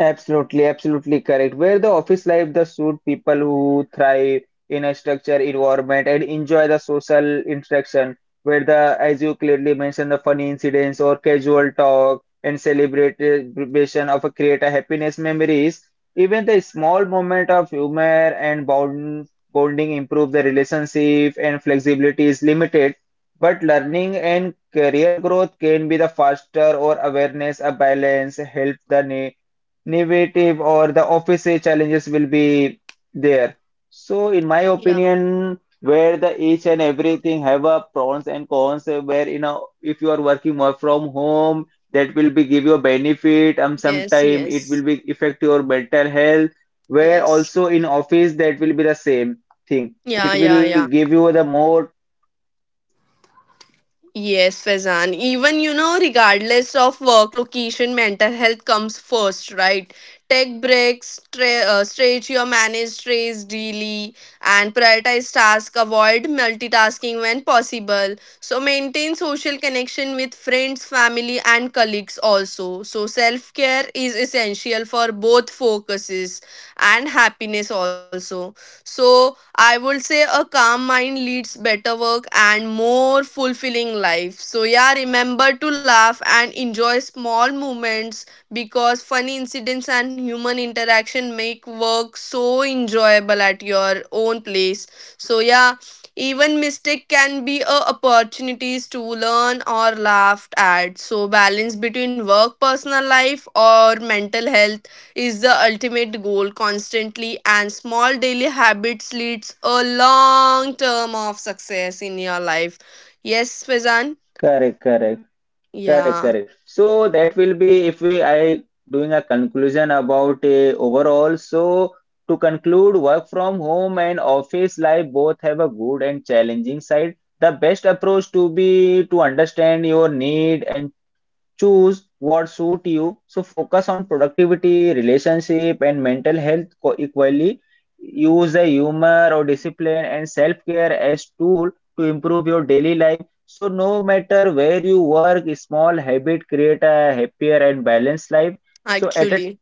Speaker 1: Absolutely, absolutely correct. Where the office life the suit people who thrive in a structured environment and enjoy the social interaction, where the, as you clearly mentioned, the funny incidents or casual talk and celebration of a create a happiness memories, even the small moment of humor and bond, bonding improve the relationship and flexibility is limited. But learning and career growth can be the faster or awareness, a balance, help the na- innovative or the office challenges will be there. So in my opinion, where the each and everything have a pros and cons, uh, where you know if you are working more from home, that will be give you a benefit. Um,
Speaker 2: Yes,
Speaker 1: sometime it will
Speaker 2: yes,
Speaker 1: be affect your mental health. Where
Speaker 2: yes.
Speaker 1: also in office that will be the same thing.
Speaker 2: Yeah,
Speaker 1: It
Speaker 2: yeah,
Speaker 1: will
Speaker 2: yeah.
Speaker 1: give you the more
Speaker 2: Yes, Faizan. Even, you know, regardless of work location, mental health comes first, right? Take breaks, tra- uh, stretch your managed strays daily, and prioritize tasks. Avoid multitasking when possible. So maintain social connection with friends, family, and colleagues also. So self care is essential for both focuses and happiness also. So I would say a calm mind leads better work and more fulfilling life. So yeah, remember to laugh and enjoy small moments because funny incidents and human interaction make work so enjoyable at your own place. So yeah, even mistake can be a opportunities to learn or laughed at. So balance between work, personal life or mental health is the ultimate goal constantly, and small daily habits leads a long term of success in your life. Yes, Fazan.
Speaker 1: correct, correct. Correct,
Speaker 2: Yeah,
Speaker 1: correct. So that will be if we I doing a conclusion about a overall. So to conclude, work from home and office life both have a good and challenging side. The best approach to be to understand your need and choose what suit you. So focus on productivity, relationship, and mental health co- equally. Use the humor or discipline and self-care as tool to improve your daily life. So no matter where you work, small habit create a happier and balanced life. So at a
Speaker 2: actually,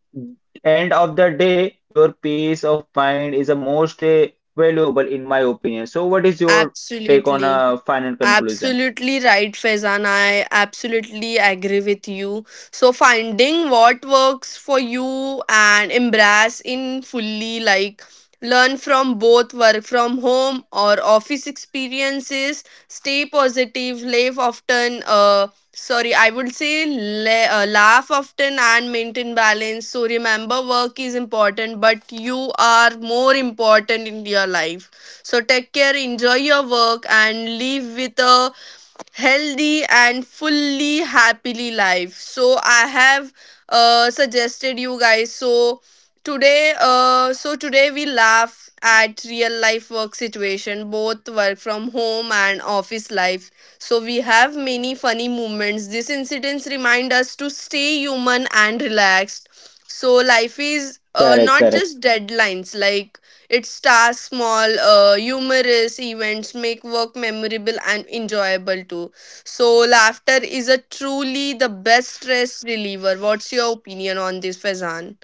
Speaker 1: end of the day, your peace of mind is the most uh, valuable in my opinion. So what is your take on
Speaker 2: absolutely.
Speaker 1: a final conclusion?
Speaker 2: Absolutely right, Faizan. I absolutely agree with you. So finding what works for you and embrace in fully, like learn from both work from home or office experiences. Stay positive. Life often uh, sorry, I would say la- uh, laugh often and maintain balance. So remember, work is important, but you are more important in your life. So take care, enjoy your work, and live with a healthy and fully happily life. So I have uh, suggested you guys. So today uh, so today we laugh at real life work situation, both work from home and office life. So we have many funny moments. These incidents remind us to stay human and relaxed. So life is uh,
Speaker 1: Correct,
Speaker 2: not
Speaker 1: correct.
Speaker 2: just deadlines, like its tasks. Small, uh, humorous events make work memorable and enjoyable too. So, laughter is a truly the best stress reliever. What's your opinion on this, Faizan?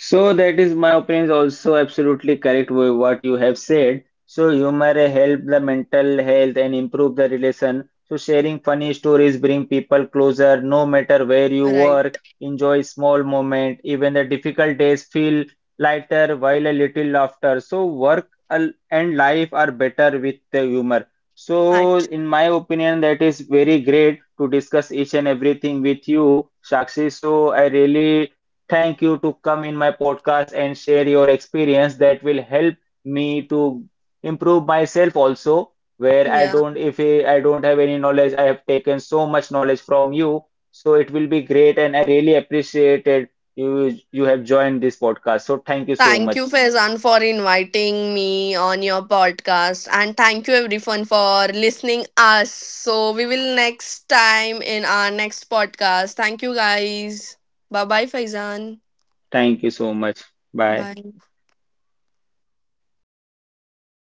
Speaker 1: So that is my opinion also, absolutely correct with what you have said. So humor help the mental health and improve the relation. So sharing funny stories bring people closer no matter where you
Speaker 2: Right.
Speaker 1: work. Enjoy small moment. Even the difficult days feel lighter while a little laughter. So work al- and life are better with the humor. So
Speaker 2: Actually,
Speaker 1: in my opinion that is very great to discuss each and everything with you, Shakshi. So I really thank you to come in my podcast and share your experience that will help me to improve myself also, where I
Speaker 2: yeah.
Speaker 1: don't, if I I don't have any knowledge, I have taken so much knowledge from you, so it will be great and I really appreciated you you have joined this podcast, so thank you so
Speaker 2: Thank you,
Speaker 1: much.
Speaker 2: Faizan, for inviting me on your podcast. And thank you, everyone, for listening us. So we will next time in our next podcast. Thank you, guys. Bye bye, Faizan.
Speaker 1: Thank you so much. Bye.
Speaker 2: Bye.